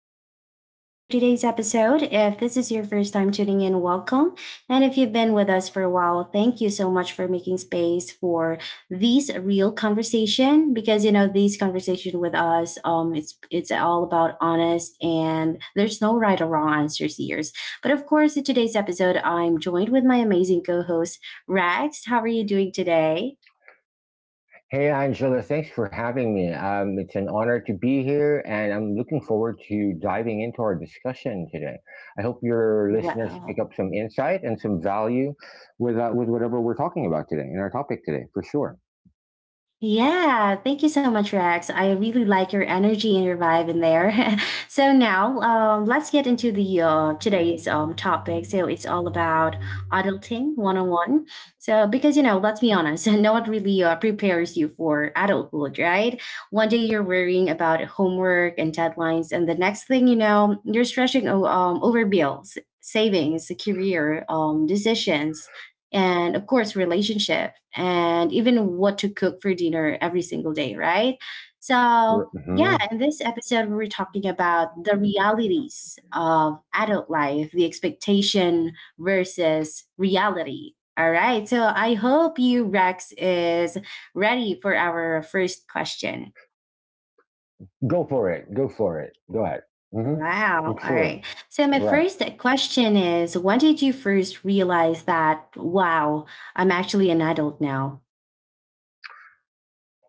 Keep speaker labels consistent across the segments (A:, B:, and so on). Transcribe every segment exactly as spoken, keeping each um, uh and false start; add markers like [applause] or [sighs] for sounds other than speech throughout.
A: Angela. I'll be your host for today's episode. If this is your first time tuning in, welcome. And if you've been with us for a while, thank you so much for making space for these real conversation because, you know, these conversation with us, um, it's, it's all about honest and there's no right or wrong answers here. But of course, in today's episode, I'm joined with my amazing co-host, Rags. How are you doing today?
B: Hey Angela, thanks for having me. Um, it's an honor to be here, and I'm looking forward to diving into our discussion today. I hope your listeners pick
A: Wow.
B: up some insight and some value with uh, with whatever we're talking about today in our topic today, for sure.
A: Yeah, thank you so much, Rex. I really like your energy and your vibe in there. [laughs] So now, um, let's get into the uh, today's um, topic. So it's all about adulting one on one. So because you know, let's be honest, [laughs] no one really uh, prepares you for adulthood, right? One day you're worrying about homework and deadlines, and the next thing you know, you're stressing o- um, over bills, savings, career um, decisions, and of course relationship, and even what to cook for dinner every single day, right? So
B: R-
A: yeah,
B: mhm.
A: in this episode we we're talking about the realities of adult life, the expectation versus reality. All right, so I hope you Rex is ready for our first question.
B: Go for it. Go for it. Go ahead. Hmm.
A: Wow,
B: I'm
A: all right.
B: sure.
A: So my
B: Right.
A: first question is, when did you first realize that, wow, I'm actually an adult now?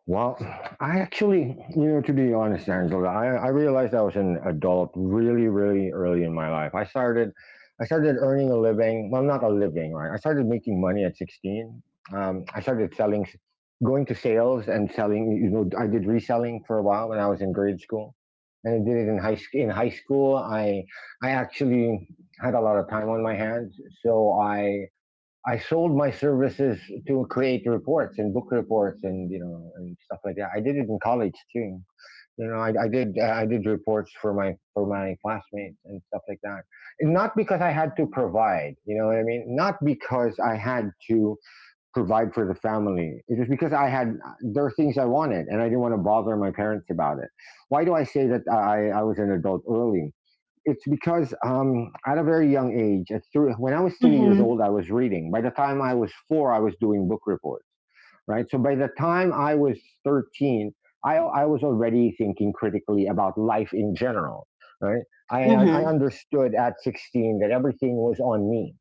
B: Well, I actually, you know, to be honest, Angela, I, I realized I was an adult really, really early in my life. I started, I started earning a living. Well, not a living, right? I started making money at sixteen. Um, I started selling, going to sales and selling. You know, I did reselling for a while when I was in grade school, and I did it in high school. In high school, I, I actually had a lot of time on my hands, so I I sold my services to create reports and book reports and you know and stuff like that. I did it in college too. You know, I, I did uh, I did reports for my for my classmates and stuff like that. And not because I had to provide. You know what I mean? Not because I had to provide for the family. It was because I had there are things I wanted, and I didn't want to bother my parents about it. Why do I say that I, I was an adult early? It's because um, at a very young age, at when I was three years old, I was reading. By the time I was four, I was doing book reports. Right. So by the time I was thirteen, I, I was already thinking critically about life in general. Right. I I
A: Mhm,
B: understood at sixteen that everything was on me,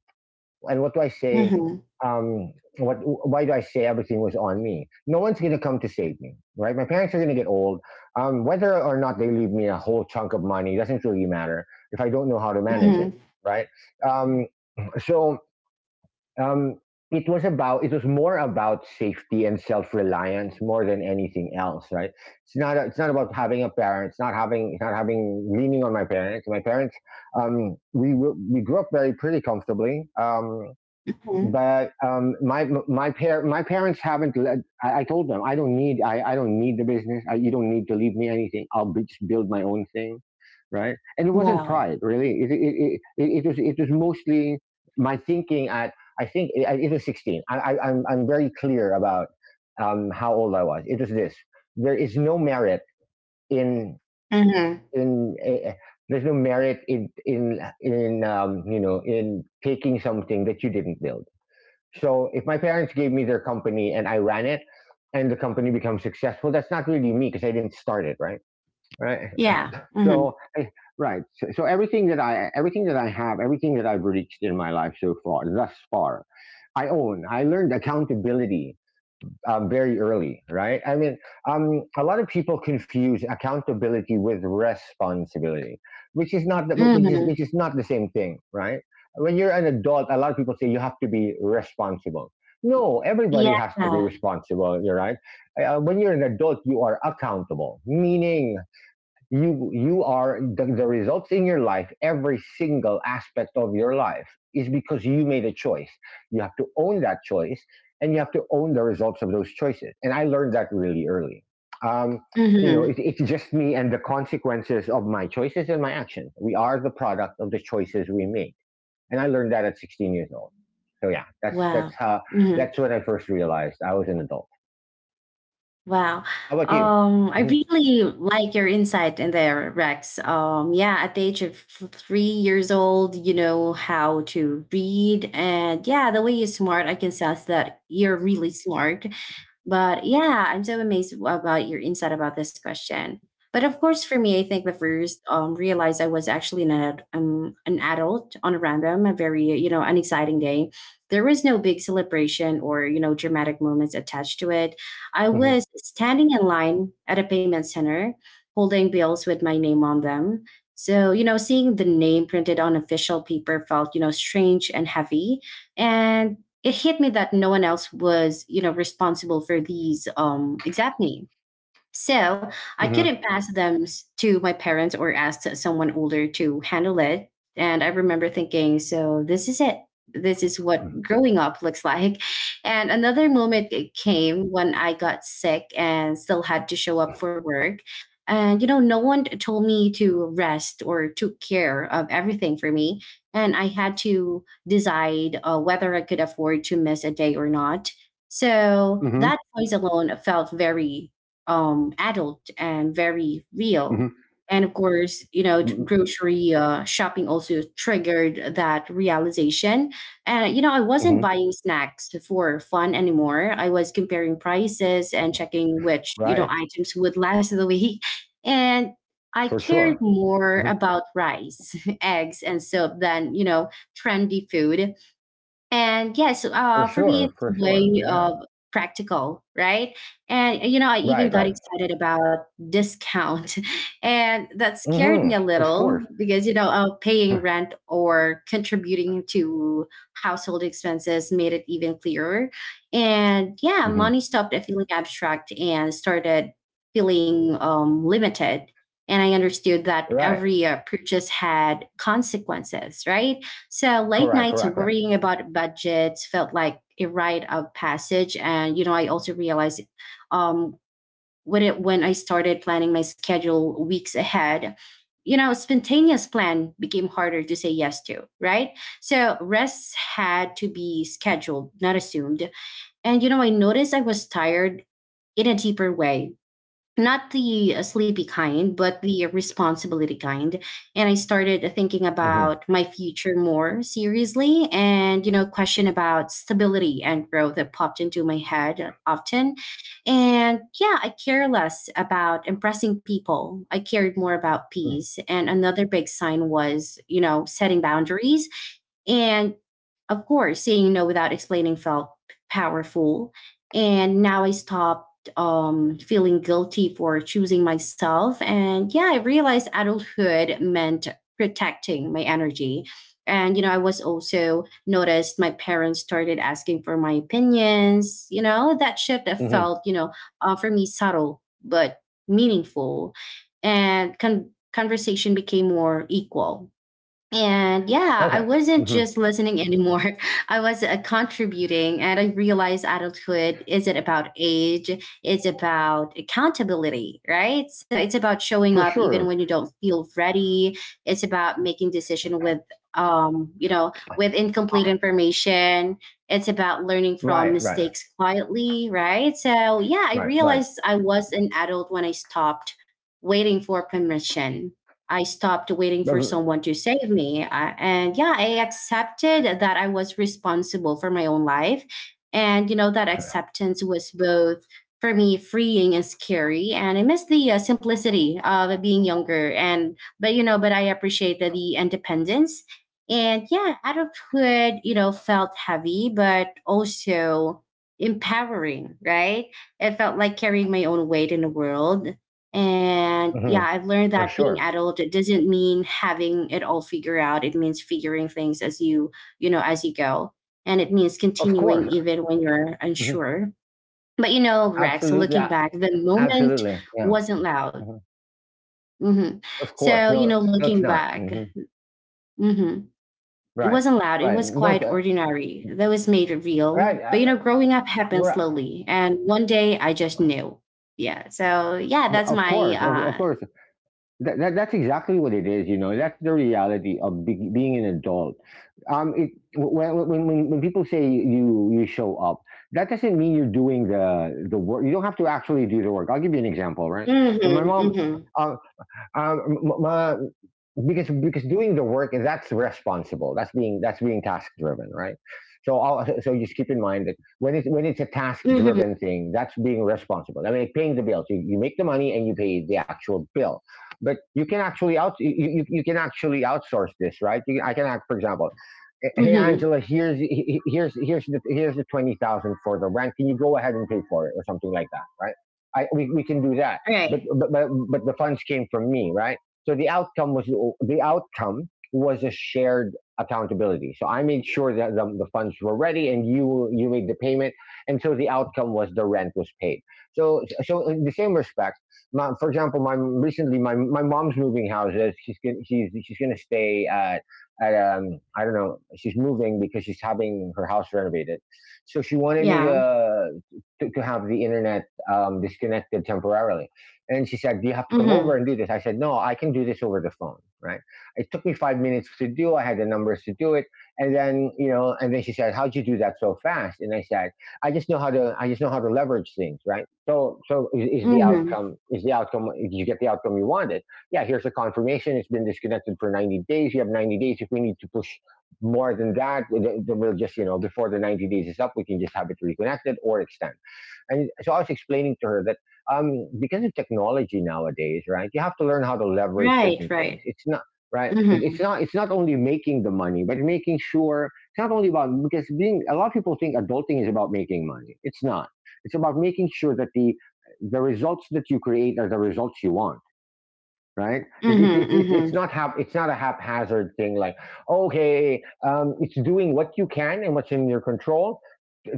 B: and what do I say?
A: mhm,
B: Um, what? Why do I say everything was on me? No one's gonna come to save me, right? My parents are gonna get old. Um, whether or not they leave me a whole chunk of money doesn't really matter if I don't know how to manage
A: mhm,
B: it, right? Um, so um, it was about it was more about safety and self-reliance more than anything else. Right. It's not it's not about having a parent. It's not having it's not having, leaning on my parents. my parents um we we grew up very, pretty comfortably. Um
A: mhm.
B: but um, My my par- my parents haven't led. I, I told them I don't need, I, I don't need the business. I, you don't need to leave me anything. I'll be, just build my own thing, right? And it wasn't
A: Wow.
B: pride, really. It it, it, it, was it was mostly my thinking at, I think it, it was sixteen. I, I I'm I'm very clear about um, how old I was. It was this. There is no merit in
A: Mhm.
B: in. Uh, there's no merit in in in um, you know, in taking something that you didn't build. So if my parents gave me their company and I ran it and the company becomes successful, that's not really me because I didn't start it, right? Right.
A: Yeah.
B: So
A: Mhm.
B: right. So, so everything that I, everything that I have, everything that I've reached in my life so far, thus far, I own. I learned accountability uh, very early, right? I mean, um, a lot of people confuse accountability with responsibility, which is not the, which is
A: Mhm.
B: which is not the same thing, right? When you're an adult, a lot of people say you have to be responsible. No, everybody
A: Yeah.
B: has to be responsible, you're right? Uh, when you're an adult, you are accountable, meaning you you are the, the results in your life, every single aspect of your life is because you made a choice. You have to own that choice, and you have to own the results of those choices. And I learned that really early. um, you know,
A: Mhm.
B: it, it's just me and the consequences of my choices and my actions. We are the product of the choices we make, and I learned that at sixteen years old. So yeah, that's that's
A: Wow.
B: how
A: Mhm.
B: that's when I first realized I was an adult.
A: Wow.
B: How about you?
A: Um, I
B: Hmm.
A: really like your insight in there, Rex. Um, yeah, at the age of f- three years old, you know how to read, and yeah, the way you're smart, I can sense that you're really smart. But yeah, I'm so amazed about your insight about this question. But of course, for me, I think the first um, realized I was actually an ad, um, an adult on a random, a very you know an exciting day. There was no big celebration or you know dramatic moments attached to it. I
B: Hmm.
A: was standing in line at a payment center, holding bills with my name on them. So you know, seeing the name printed on official paper felt you know strange and heavy, and it hit me that no one else was, you know, responsible for these. Um, exactly. So I couldn't
B: Hmm.
A: pass them s- to my parents or ask someone older to handle it. And I remember thinking, so this is it. This is what growing up looks like. And another moment it came when I got sick and still had to show up for work. And, you know, no one told me to rest or took care of everything for me. And I had to decide uh, whether I could afford to miss a day or not. So that choice alone felt very um, adult and very real.
B: Hmm.
A: And of course, you know, t- grocery uh, shopping also triggered that realization. And, you know, I wasn't
B: Hmm.
A: buying snacks for fun anymore. I was comparing prices and checking which, you know,
B: Right.
A: items would last the week. [laughs] And I
B: For
A: cared
B: sure.
A: more
B: Mhm.
A: about rice, [laughs] eggs, and soap than, you know, trendy food. And yes,
B: For
A: uh, for me,
B: sure.
A: it's
B: For
A: a
B: sure.
A: way
B: Yeah.
A: of practical, right? And you know, I even
B: Right.
A: got
B: Right.
A: excited about discount, [laughs] and that scared me
B: Hmm.
A: a
B: Of
A: little
B: course.
A: because you know, uh, paying
B: [laughs]
A: rent or contributing to household expenses made it even clearer. And yeah,
B: Hmm.
A: money stopped feeling abstract and started feeling um, limited. And I understood that
B: Right.
A: every uh, purchase had consequences, right? So late
B: Correct.
A: nights
B: Correct. Correct.
A: worrying about budgets felt like a rite of passage. And, you know, I also realized um, when, it, when I started planning my schedule weeks ahead, you know, spontaneous plan became harder to say yes to, right? So rests had to be scheduled, not assumed. And, you know, I noticed I was tired in a deeper way, not the uh, sleepy kind, but the responsibility kind. And I started thinking
B: Hmm.
A: about my future more seriously. And, you know, question about stability and growth that popped into my head often. And yeah, I care less about impressing people. I cared more about peace. And another big sign was, you know, setting boundaries. And of course, saying no without explaining felt powerful. And now I stopped um, feeling guilty for choosing myself. And yeah, I realized adulthood meant protecting my energy. And, you know, I was also noticed my parents started asking for my opinions. You know, that shift that
B: Hmm.
A: felt, you know, uh, for me subtle, but meaningful. And con- conversation became more equal, and yeah, I
B: Okay.
A: wasn't
B: Hmm.
A: just listening anymore. [laughs] I was uh, contributing, and I realized adulthood isn't about age, it's about accountability, right? So it's about showing
B: For
A: up even when
B: sure.
A: you don't feel ready. It's about making decision with um, you know, with incomplete
B: Ah,
A: information. It's about learning from
B: right. Right.
A: mistakes quietly, right? So yeah, I
B: Right. Right.
A: realized I was an adult when I stopped waiting for permission. I stopped waiting for
B: Hmm.
A: someone to save me. I, and yeah, I accepted that I was responsible for my own life. And, you know, that acceptance was both for me freeing and scary. And I miss the uh, simplicity of being younger. And, but, you know, but I appreciated the independence. And yeah, adulthood, you know, felt heavy, but also empowering, right? It felt like carrying my own weight in the world, and yeah, I've learned
B: For
A: that being
B: sure.
A: adult it doesn't mean having it all figured out. It means figuring things as you, you know, as you go. And it means
B: Of course.
A: continuing even when you're
B: Hmm.
A: unsure. But you know, Rex,
B: Absolutely.
A: looking
B: a-
A: back, the moment
B: Absolutely. Yeah.
A: wasn't loud.
B: Hmm.
A: Hmm.
B: Of course.
A: So, you
B: No.
A: know,
B: No, it's
A: looking
B: not.
A: back,
B: Hmm.
A: hmm, it
B: Right.
A: wasn't loud. It
B: Right.
A: was
B: No.
A: quite
B: uh,
A: ordinary. That was made real.
B: Right.
A: But you
B: I-
A: know,
B: I-
A: growing up happened
B: Right.
A: slowly. And one day I just knew. Yeah. So, yeah, that's
B: Of course. Of, of
A: my
B: course. That, that, that's exactly what it is, you know. That's the reality of be, being an adult. Um, it, when, when, when when people say you you show up, that doesn't mean you're doing the the work. You don't have to actually do the work. I'll give you an example, right?
A: uh,
B: So my
A: hmm,
B: mom,
A: hmm.
B: uh, um, m- my because because doing the work, that's responsible, that's being that's being task driven, right? So, all so just keep in mind that when it's when it's a task
A: Mhm,
B: driven thing, that's being responsible. I mean, like paying the bills, you, you make the money and you pay the actual bill. But you can actually out you, you, you can actually outsource this, right? you, I can, act for example, hey
A: mhm,
B: Angela, here's here's here's the here's the twenty thousand for the rent, can you go ahead and pay for it or something like that, right? I, we, we can do that. but,
A: right.
B: but but but the funds came from me, right? So the outcome was, the outcome was a shared accountability. So I made sure that the, the funds were ready, and you you made the payment, and so the outcome was the rent was paid. So so in the same respect, my, for example, my recently my, my mom's moving houses. She's gonna, she's she's going to stay at at um, I don't know. She's moving because she's having her house renovated, so she wanted me
A: Yeah.
B: to to, to have the internet um, disconnected temporarily. And she said, "Do you have to come over
A: Mhm,
B: and do this?" I said, "No, I can do this over the phone," right? It took me five minutes to do. I had the numbers to do it. And then, you know, and then she said, "How'd you do that so fast?" And I said, I just know how to I just know how to leverage things, right? So so is, is the
A: mhm.
B: outcome, is the outcome, did you get the outcome you wanted? Yeah, here's a confirmation. It's been disconnected for ninety days. You have ninety days. If we need to push more than that, then we'll just, you know, before the ninety days is up, we can just have it reconnected or extend. And so I was explaining to her that um, because of technology nowadays, right? You have to learn how to leverage
A: Right,
B: certain things.
A: right.
B: It's not right. It, it's
A: Mhm,
B: not. It's not only making the money, but making sure, it's not only about because being a lot of people think adulting is about making money. It's not. It's about making sure that the the results that you create are the results you want. Right? It's
A: mhm,
B: it's it's it's
A: mhm.
B: not hap- it's not a haphazard thing, like okay, um, it's doing what you can and what's in your control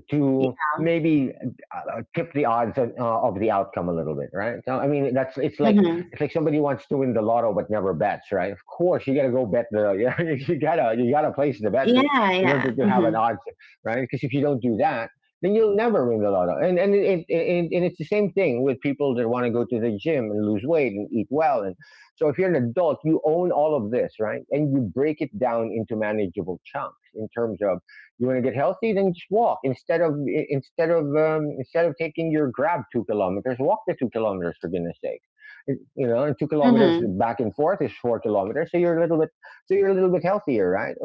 B: to
A: Yeah.
B: maybe uh, tip the odds of, uh, of the outcome a little bit, right? So I mean, that's it's like
A: Mhm.
B: it's like somebody wants to win the lotto but never bets, right? Of course, you got to go bet the [laughs] you gotta, you gotta place the bet
A: Yeah,
B: to, in
A: yeah.
B: order to have an
A: Mhm,
B: odds, right? Because if you don't do that, then you'll never win the lotto. And and it, it, and it's the same thing with people that want to go to the gym and lose weight and eat well. And so if you're an adult, you own all of this, right? And you break it down into manageable chunks in terms of, you want to get healthy, then just walk instead of instead of um, instead of taking your grab two kilometers. Walk the two kilometers for goodness sake. You know, and two kilometers
A: mhm,
B: back and forth is four kilometers. So you're a little bit so you're a little bit healthier, right?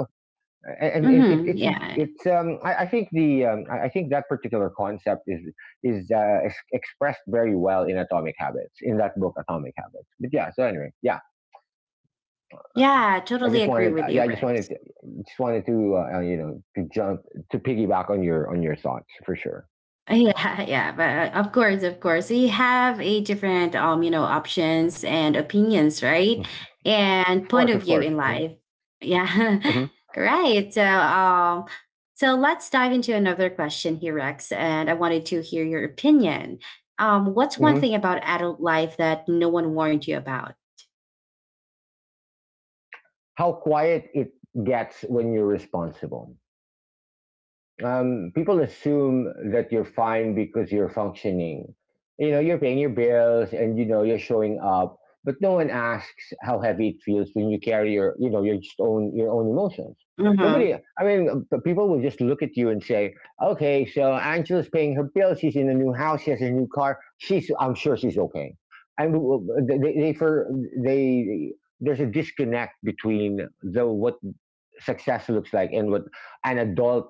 B: And it, it,
A: mhm.
B: it's
A: Yeah.
B: it's um, I, I think the um, I think that particular concept is is uh, expressed very well in Atomic Habits, in that book Atomic Habits. But yeah, so anyway, yeah.
A: Yeah, I
B: I
A: totally
B: just
A: agree
B: wanted,
A: with
B: uh,
A: you,
B: yeah, I just wanted,
A: Rex.
B: just wanted to, uh, uh, you know, to jump to piggyback on your on your thoughts for sure.
A: Yeah, [laughs] yeah, but uh, of course, of course, we have a different, um, you know, options and opinions, right? And
B: Of
A: point
B: course,
A: of
B: of
A: view
B: course.
A: in
B: Hmm.
A: life. Yeah,
B: Hmm.
A: [laughs] right. So, um, so let's dive into another question here, Rex. And I wanted to hear your opinion. Um, what's one
B: Hmm.
A: thing about adult life that no one warned you about?
B: How quiet it gets when you're responsible. Um, people assume that you're fine because you're functioning. You know, you're paying your bills and you know you're showing up, but no one asks how heavy it feels when you carry your, you know, your just own your own emotions.
A: Mm-hmm.
B: Nobody, I mean, p- people will just look at you and say, "Okay, so Angela's paying her bills. She's in a new house. She has a new car. She's, I'm sure she's okay." And w- w- they, they for they, there's a disconnect between the what success looks like and what an adult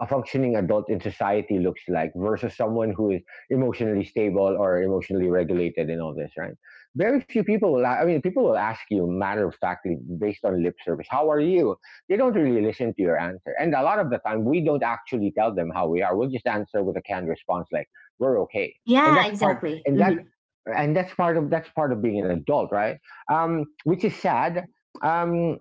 B: a functioning adult in society looks like versus someone who is emotionally stable or emotionally regulated and all this, right? Very few people will, i mean people will ask you matter of factly based on lip service, how are you? They don't really listen to your answer, and a lot of the time we don't actually tell them how we are. We'll just answer with a canned response like we're okay. and
A: Yeah,
B: that's part
A: exactly.
B: and that
A: Mm-hmm.
B: and that's part of that's part of being an adult, right? Um, which is sad. um,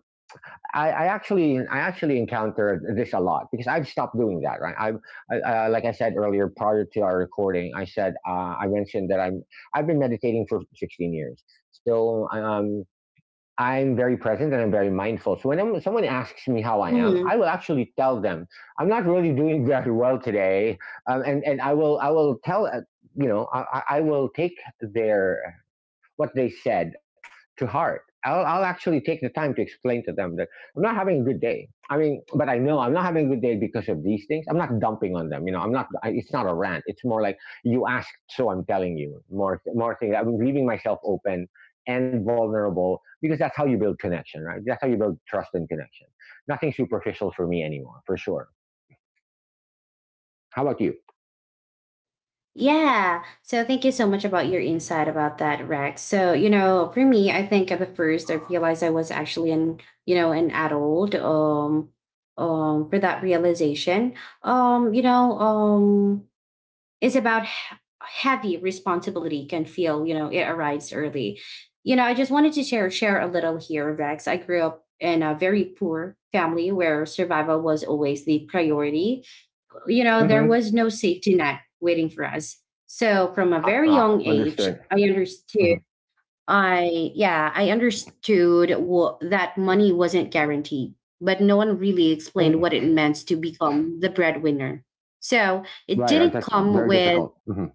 B: I, I actually I actually encountered this a lot because I've stopped doing that. Right, I, I uh, Like I said earlier, prior to our recording, I said uh, I mentioned that I'm I've been meditating for sixteen years, so um, I'm very present and I'm very mindful. So when I'm, someone asks me how I am, I
A: Mm-hmm.
B: will actually tell them I'm not really doing [laughs] very well today, um, and and I will I will tell uh, you know I, I will take their what they said to heart. I'll, I'll actually take the time to explain to them that I'm not having a good day. I mean, but I know I'm not having a good day because of these things. I'm not dumping on them. You know, I'm not, I, it's not a rant. It's more like you asked, so I'm telling you more, more things. I'm leaving myself open and vulnerable because that's how you build connection, right? That's how you build trust and connection. Nothing superficial for me anymore, for sure. How about you?
A: Yeah. So thank you so much about your insight about that, Rex. So, you know, for me, I think at the first I realized I was actually an, you know, an adult um um for that realization. Um, you know, um, it's about h- heavy responsibility can feel, you know, it arrives early. You know, I just wanted to share share a little here, Rex. I grew up in a very poor family where survival was always the priority, you know, there
B: Mm-hmm.
A: was no safety net waiting for us. So from a
B: Uh,
A: very
B: uh,
A: young age,
B: understood.
A: I understood.
B: Mm-hmm.
A: I Yeah, I understood wha- that money wasn't guaranteed, but no one really explained what
B: Mm-hmm.
A: it meant to become the breadwinner. So it
B: Right, right.
A: didn't
B: That's
A: come
B: very
A: with,
B: difficult. Mm-hmm.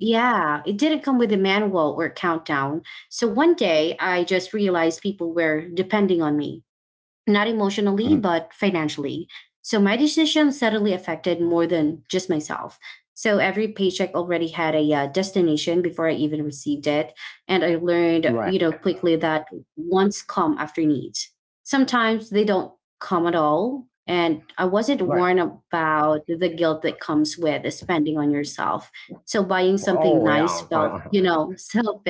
A: yeah, it didn't come with a manual or countdown. So one day I just realized people were depending on me, not emotionally,
B: Mm-hmm.
A: but financially. So my decision suddenly affected more than just myself. So every paycheck already had a uh, destination before I even received it. And I learned, you
B: Right,
A: know, quickly that wants come after needs. Sometimes they don't come at all. And I wasn't
B: right.
A: warned about the guilt that comes with spending on yourself. So buying something
B: Oh
A: nice
B: yeah, I,
A: felt, you
B: [laughs] I,
A: know, [laughs]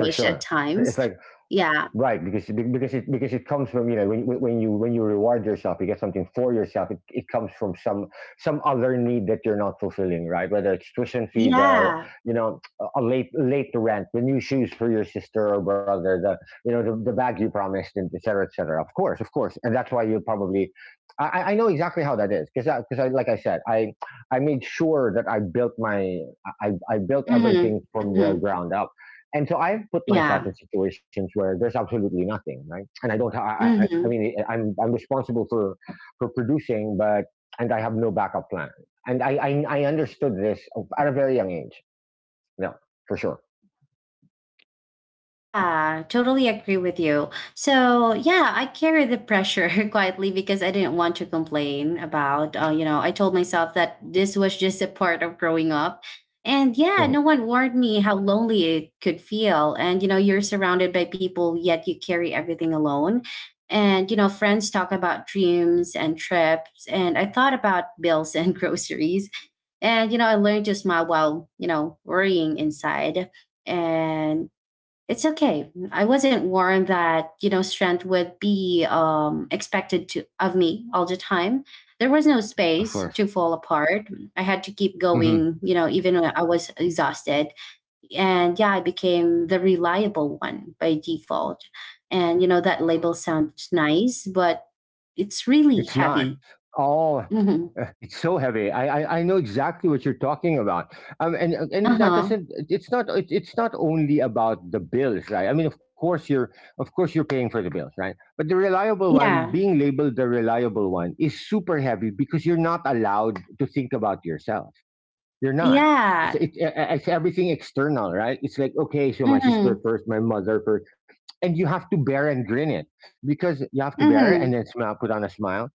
B: for
A: at
B: sure.
A: times.
B: It's like
A: Yeah.
B: right, because because it because it comes from, you know when when you when you reward yourself, you get something for yourself. It, it comes from some some other need that you're not fulfilling, right? Whether it's tuition fees, uh,
A: Yeah.
B: you know, a late late rent, the new shoes for your sister or brother, the you know the, the bag you promised, and et cetera, et cetera. Of course, of course, and that's why you probably. I, I know exactly how that is, because because I, like I said, I I made sure that I built my I I built
A: Hmm.
B: everything from the
A: Hmm.
B: ground up, and so I've put myself
A: Yeah.
B: in situations where there's absolutely nothing, right? And I don't. I, I, I
A: Mm-hmm.
B: mean, I'm I'm responsible for for producing, but and I have no backup plan. And I I, I understood this at a very young age. Yeah, for sure.
A: Yeah, totally agree with you. So yeah, I carry the pressure [laughs] quietly because I didn't want to complain about. Uh, you know, I told myself that this was just a part of growing up, and yeah,
B: Mm-hmm.
A: no one warned me how lonely it could feel. And you know, you're surrounded by people, yet you carry everything alone. And you know, friends talk about dreams and trips, and I thought about bills and [laughs] groceries. And you know, I learned to smile while you know worrying inside, and it's okay. I wasn't warned that, you know, strength would be um, expected to of me all the time. There was no
B: Of
A: space
B: course.
A: to fall apart. I had to keep
B: Mm-hmm.
A: going, you know, even when I was exhausted. And yeah, I became the reliable one by default. And, you know, that label sounds nice, but it's really
B: It's not.
A: heavy.
B: All
A: Hmm.
B: uh, it's so heavy. I, I I know exactly what you're talking about. Um, and
A: Uh
B: and that
A: huh.
B: doesn't. It's not. It, it's not only about the bills, right? I mean, of course you're, of course you're paying for the bills, right? But the reliable one,
A: Yeah.
B: being labeled the reliable one, is super heavy because you're not allowed to think about yourself. You're not. It's
A: Yeah.
B: it, uh, uh, it's everything external, right? It's like okay, so my
A: Mm-hmm.
B: sister first, my mother first, and you have to bear and grin it because you have to bear it and
A: Mm-hmm.
B: then smile, put on a smile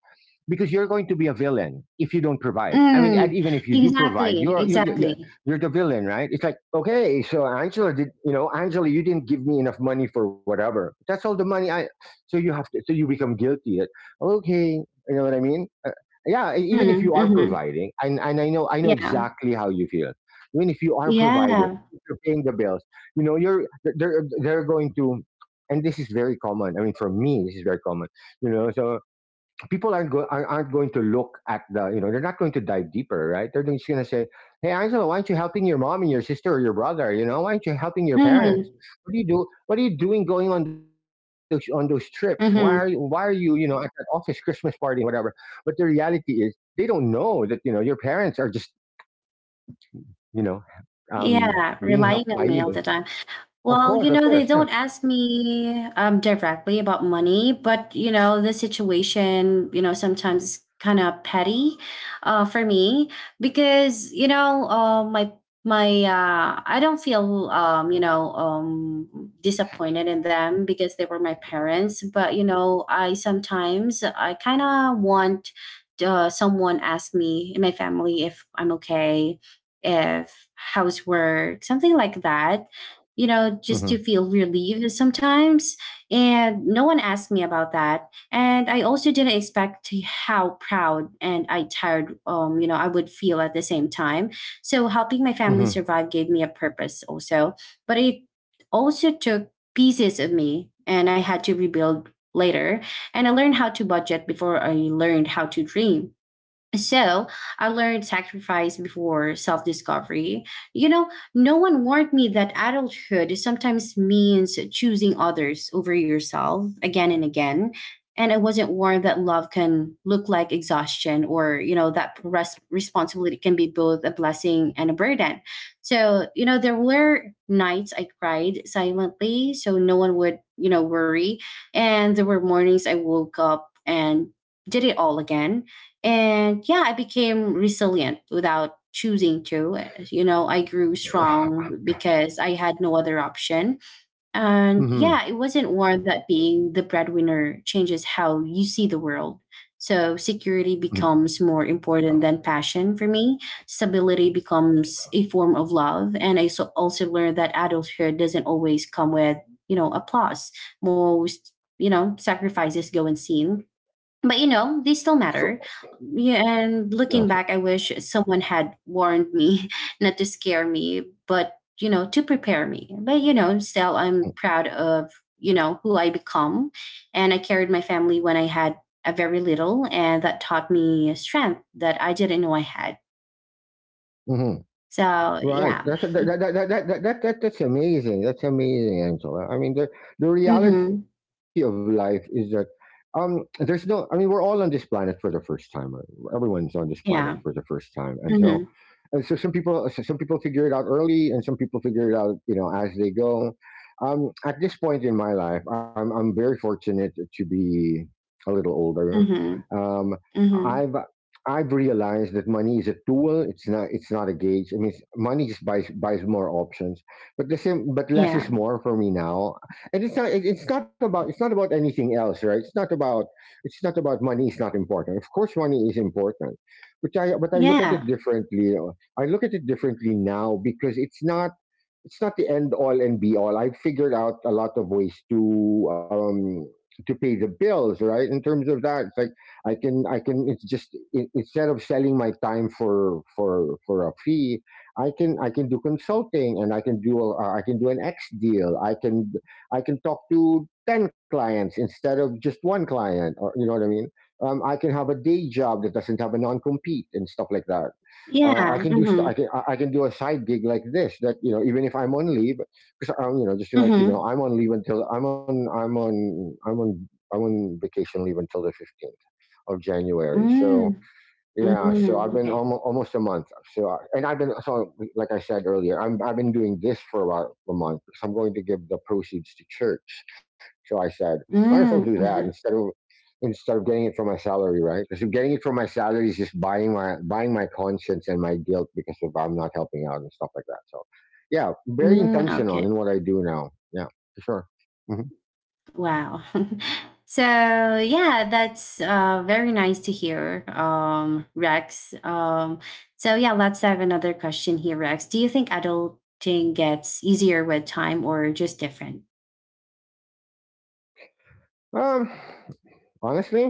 B: because you're going to be a villain if you don't provide. I mean, and
A: Mm.
B: even if you do provide,
A: Exactly.
B: you're you're you're,
A: Exactly.
B: you're the villain, right? It's like okay, so Angela did, you know, Angela, you didn't give me enough money for whatever. That's all the money I. So you have to. So you become guilty. That okay, you know what I mean? Uh, yeah, e- even if
A: Mm-hmm.
B: you are
A: Mm-hmm.
B: providing, and and I know I know
A: Yeah.
B: exactly how you feel. Even if you are providing,
A: Yeah.
B: if you're paying the bills. You know, you're they're they're going to. And this is very common. I mean, for me, this is very common, you know, so people aren't, go- aren't aren't going to look at the, you know, they're not going to dive deeper, right? They're just going to say, hey, Angela, why aren't you helping your mom and your sister or your brother? You know, why aren't you helping your parents?
A: Mm.
B: What do you do? What are you doing going on those, on those trips? Why are you why are you, you
A: Mhm.
B: know, at that office Christmas party and whatever? But the reality is they don't know that, you know, your parents are just, you know. um
A: Yeah,
B: Being
A: relying
B: helped by
A: on me all
B: you.
A: the time.
B: Of
A: Well, you
B: course, of
A: know, they
B: course. Yeah.
A: don't ask me um, directly about money, but you know, the situation, you know, sometimes is kind of petty uh, for me, because you know, uh, my my uh, I don't feel um, you know um, disappointed in them because they were my parents. But you know, I sometimes I kind of want uh, someone ask me in my family if I'm okay, if how's work, something like that, you know, just to
B: Hmm.
A: feel relieved sometimes. And no one asked me about that. And I also didn't expect how proud and I tired, um, you know, I would feel at the same time. So helping my family
B: Hmm.
A: survive gave me a purpose also, but it also took pieces of me and I had to rebuild later. And I learned how to budget before I learned how to dream. So I learned sacrifice before self discovery. You know, no one warned me that adulthood sometimes means choosing others over yourself again and again. And I wasn't warned that love can look like exhaustion, or, you know, that res- responsibility can be both a blessing and a burden. So, you know, there were nights I cried silently so no one would, you know, worry. And there were mornings I woke up and did it all again, and yeah, I became resilient without choosing to. You know, I grew strong because I had no other option. And
B: Hmm.
A: yeah, it wasn't war that being the breadwinner changes how you see the world. So security becomes more important than passion for me. Stability becomes a form of love. And I so also learned that adulthood doesn't always come with, you know, applause. Most, you know, sacrifices go unseen, but you know they still matter. Yeah. And looking back, I wish someone had warned me [laughs] not to scare me but you know to prepare me, but you know still I'm proud of you know who I become. And I carried my family when I had a very little, and that taught me strength that I didn't know I had.
B: Hmm. [sighs]
A: So
B: Right.
A: yeah.
B: That's a, that, that, that, that, that, that, that- That's amazing. That's amazing, Angela. I mean, the, the reality of
A: Mm-hmm.
B: life is that um, there's no, I mean, we're all on this planet for the first time. Everyone's on this planet for the
A: Yeah.
B: first time. And so
A: Mm-hmm.
B: and so some people, so some people figure it out early and some people figure it out, you know, as they go. Um, at this point in my life, I'm, I'm very fortunate to be a little older.
A: Mm-hmm.
B: um,
A: Mm-hmm.
B: i've I've realized that money is a tool. It's not it's not a gauge. I mean it's, money just buys buys more options, but the same but less
A: Yeah,
B: is more for me now. And it's not it- It's not about, it's not about anything else, right? it's not about it's not about Money is not important. Of course money is important, which I, but I look at it
A: yeah,
B: differently. uh, I look at it differently now, because it's not it's not the end all and be all. I figured out a lot of ways to, um to pay the bills, right? In terms of that, it's like I can I can it's just, I instead of selling my time for for for a fee, I can I can do consulting, and I can do a, uh, I can do an X deal. I can I can talk to ten clients instead of just one client, or you know what I mean? Um, I can have a day job that doesn't have a non compete and stuff like that. uh, I
A: yeah.
B: can do st-
A: Mm-hmm.
B: I can, I I can do a side gig like this, that, you know, even if I'm on leave, because, um, you know, just to let you know,
A: Mm-hmm.
B: I'm on leave until, I'm on I'm on I'm on I'm on vacation leave until the fifteenth of January. So
A: Mm-hmm.
B: yeah, so I've
A: Mm-hmm.
B: been
A: Okay.
B: almost, almost a month. So I- and I've been, so like I said earlier, I'm I've been doing this for about a month. So I'm going to give the proceeds to church. So I said, might as well do
A: Mm,
B: that instead
A: mhm,
B: of, instead of getting it from my salary, right? Because getting it from my salary is just buying my buying my conscience and my guilt, because of I'm not helping out and stuff like that. So yeah, very
A: mm,
B: intentional
A: okay.
B: in what I do now. Yeah, for sure. Hmm.
A: Wow. [laughs] So yeah, that's uh, very nice to hear, um, Rex. Um, so yeah, let's have another question here, Rex. Do you think adulting gets easier with time or just different?
B: Um, Honestly,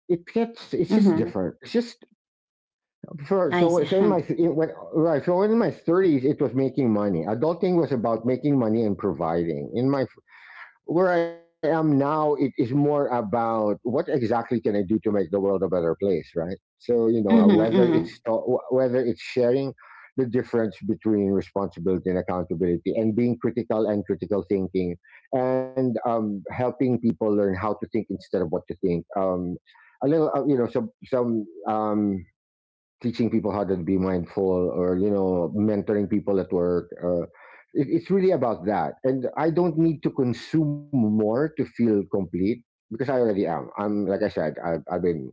B: it gets, it's just
A: Mm-hmm.
B: different. It's just sure.
A: I
B: So,
A: see.
B: so in my
A: [laughs]
B: in, when, right, so in my thirties, it was making money. Adulting was about making money and providing. In my Where I am now, it is more about what exactly can I do to make the world a better place, right? So you know, uh,
A: Mm-hmm,
B: whether
A: mm-hmm,
B: it's whether it's sharing the difference between responsibility and accountability, and being critical and critical thinking, and um, helping people learn how to think instead of what to think. Um, a little, uh, you know, some some. Um, teaching people how to be mindful, or you know, mentoring people at work. Uh, it, it's really about that, and I don't need to consume more to feel complete because I already am. i'm like i said i've, I've been,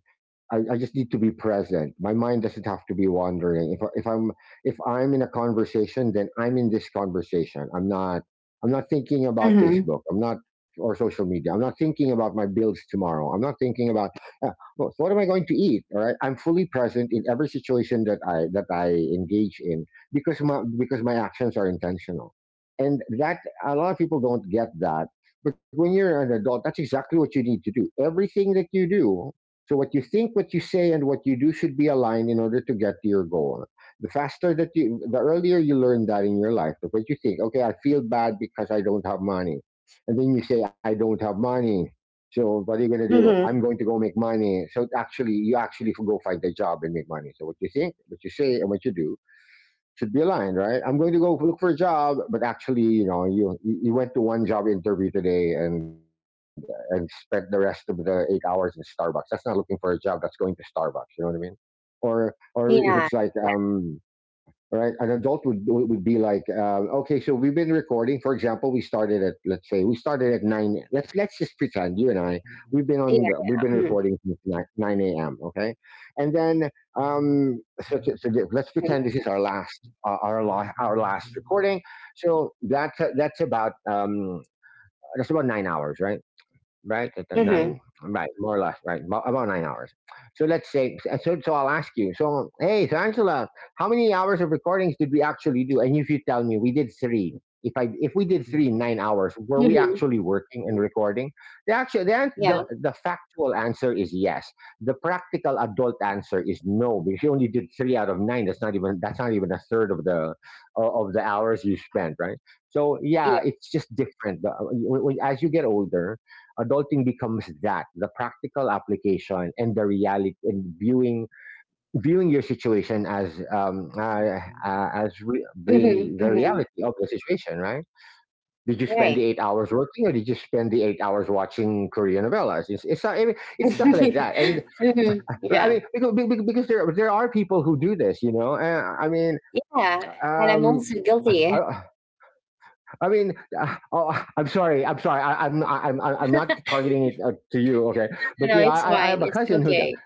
B: I, I just need to be present. My mind doesn't have to be wandering. If, I- if I'm, if I'm in a conversation, then I'm in this conversation. I'm not i'm not thinking about
A: mm-hmm,
B: Facebook. I'm not Or social media. I'm not thinking about my bills tomorrow. I'm not thinking about uh, well, So what am I going to eat? All right, I'm fully present in every situation that I that I engage in, because my because my actions are intentional, and that a lot of people don't get that. But when you're an adult, that's exactly what you need to do. Everything that you do, so what you think, what you say, and what you do should be aligned in order to get to your goal. The faster that you, the earlier you learn that in your life, the what you think, okay, I feel bad because I don't have money, and then you say, I don't have money, so what are you going to do? I'm
A: mm-hmm.
B: going to go make money. So actually, you actually go find a job and make money. So what you think, what you say, and what you do should be aligned, right? I'm going to go look for a job, but actually, you know, you you went to one job interview today and and spent the rest of the eight hours in Starbucks. That's not looking for a job. That's going to Starbucks. You know what I mean? Or or if it's like
A: Yeah,
B: um right? An adult would would be like, uh, okay, so we've been recording. For example, we started at let's say we started at nine. Let's let's just pretend you and I, we've been
A: yeah,
B: on the, we've
A: yeah.
B: been
A: Hmm.
B: recording since nine, 9 a.m. Okay, and then um, so, to, so to- let's
A: Mm-hmm.
B: pretend this is our last uh, our la- our last recording. So that's that's about um, that's about nine hours, right? Right, at the nine, right, more or less, right, about about nine hours. So let's say, uh, so, so I'll ask you, so, hey, so Angela, how many hours of recordings did we actually do? And if you tell me we did three, if I, if we did three in nine hours, were we
A: Mm-hmm.
B: actually working and recording? The actual, the, an-
A: Yeah.
B: the, the factual answer is yes. The practical adult answer is no, because you only did three out of nine. That's not even, that's not even a third of the, o- of the hours you spent, right? So
A: Yeah.
B: yeah, it's just different. The- when- when- As you get older, adulting becomes that the practical application and the reality and viewing viewing your situation as um uh, uh, as re- re-
A: Mm-hmm.
B: the
A: Mm-hmm.
B: reality of the situation, right? Did you spend the
A: Right.
B: eight hours working, or did you spend the eight hours watching Korean novellas? It's it's, not, I mean,
A: [laughs]
B: it's stuff like that, and
A: Mm-hmm.
B: I
A: Yeah.
B: mean, because, because there there are people who do this, you know. uh, I mean,
A: Yeah, and I'm
B: um
A: also guilty.
B: i, I mean, uh, oh, I'm sorry, I'm sorry. I, I'm I'm I'm I'm not
A: [laughs]
B: targeting it uh, to you, okay?
A: No,
B: But,
A: no,
B: you know, I,
A: it's
B: I I
A: fine.
B: have a
A: It's
B: cousin who
A: okay.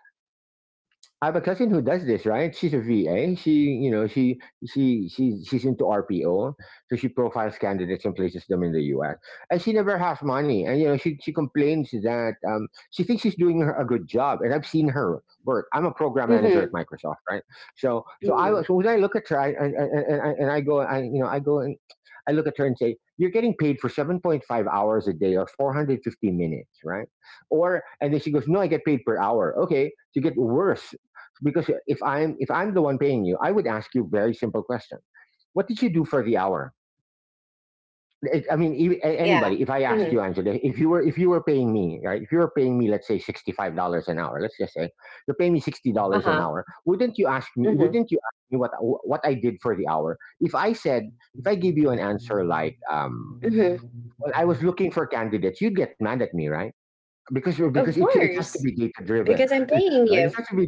B: I have a cousin who does this, right? She's a V A. She, you know, she she she she's into R P O, so she profiles candidates and places them in the U S. And she never has money, and you know, she she complains that um, she thinks she's doing her- a good job, and I've seen her work. I'm a program manager at
A: Mhm.
B: Microsoft, right? So so I
A: Mhm.
B: was- so when I look at her, I, and, and and and and I go, I you know, I go and I look at her and say, you're getting paid for seven point five hours a day or four hundred fifty minutes, right? Or And then she goes, no, I get paid per hour. Okay, so you get worse, because if i'm if i'm the one paying you, I would ask you a very simple question: what did you do for the hour? It- I mean, e- a-
A: Yeah.
B: anybody, if I asked
A: Mhm.
B: you, Angela, if you were if you were paying me, right, if you were paying me let's say sixty-five dollars an hour, let's just say you're paying me sixty dollars an
A: Uh-huh.
B: hour. wouldn't you ask me
A: Mhm.
B: wouldn't you ask me what what I did for the hour? If i said if I give you an answer like um
A: Mhm.
B: well, I was looking for candidates, you'd get mad at me, right? Because because
A: Of
B: it, it has to
A: course,
B: be data driven.
A: because I'm paying
B: [laughs] Right, it
A: you.
B: has to be.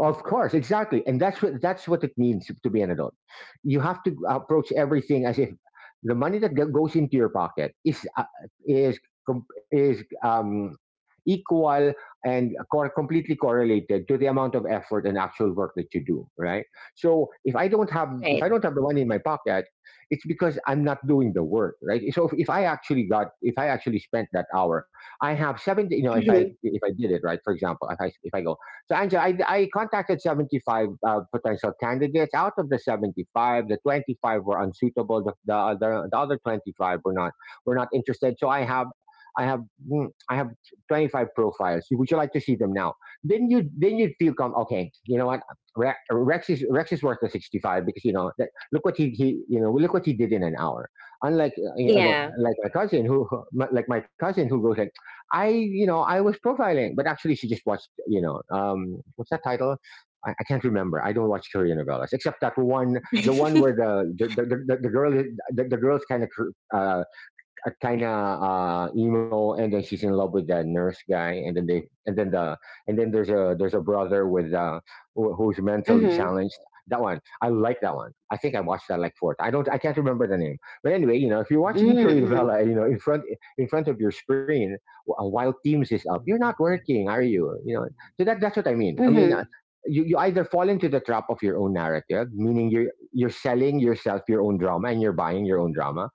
B: Of course, exactly, and that's what that's what it means to be an adult. You have to approach everything as if the money that go- goes into your pocket is uh, is com- is um, equal and cor- completely correlated to the amount of effort and actual work that you do. Right. So if I don't have if I
A: Right.
B: don't have the money in my pocket, it's because I'm not doing the work. Right. So if, if I actually got if I actually spent that hour, I have seventy. You know, if I
A: Mhm.
B: if I did it right, for example, if I if I go, so Angela, I, I contacted seventy-five uh, potential candidates. Out of the seventy-five, the twenty-five were unsuitable. The, the other the other twenty-five were not were not interested. So I have I have mm, I have twenty-five profiles. Would you like to see them now? Then you then you'd feel come okay. You know what? Rex, Rex is Rex is worth the sixty-five because you know that, look what he, he you know look what he did in an hour. Unlike uh, you know
A: Yeah.
B: like my cousin who like my cousin who goes, I, you know, I was profiling, but actually she just watched, you know, um, what's that title? I, I can't remember. I don't watch Korean novellas except that one, the one where
A: [laughs]
B: the the, the, the, the girl the, the girl's kind of uh, a kind of uh, emo, and then she's in love with that nurse guy, and then they, and then the, and then there's a there's a brother with uh, who, who's
A: Mhm.
B: mentally
A: Mhm.
B: challenged. That one, I like that one. I think I watched that like fourth. I don't, I can't remember the name. But anyway, you know, if you're watching Korean
A: Mhm.
B: novella, you know, in front in front of your screen wh- uh, while Teams is up, you're not working, are you? You know, so that that's what I mean. I mean. Uh,
A: Mhm.
B: you, you either fall into the trap of your own narrative, meaning you're you're selling yourself your own drama and you're buying your own drama,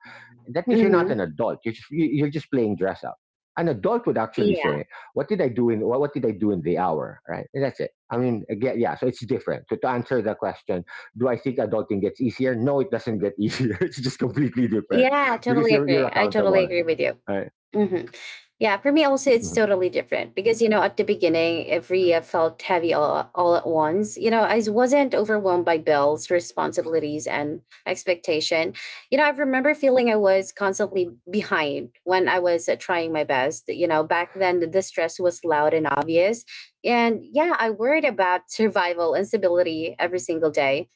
B: that means you're not an
A: Mhm.
B: adult. You're just, you- you're just playing dress up. An adult would actually say,
A: Yeah.
B: "What did I do in what, what did I do in the hour?" Right? And that's it. I mean, again, yeah. So it's different. To, to answer the question, do I think adulting gets easier? No, it doesn't get easier. [laughs] It's just completely different,
A: Yeah,
B: because
A: totally
B: you're you're
A: agree. I totally
B: accountable.
A: agree with you.
B: Right?
A: Mm-hmm. Yeah, for me also,
B: Mhm.
A: it's totally different because, you know, at the beginning, every uh, felt heavy all, all at once. You know, I wasn't overwhelmed by bills, responsibilities, and expectation. You know, I remember feeling I was constantly behind when I was uh, trying my best. You know, back then, the stress was loud and obvious. And yeah, I worried about survival and stability every single day,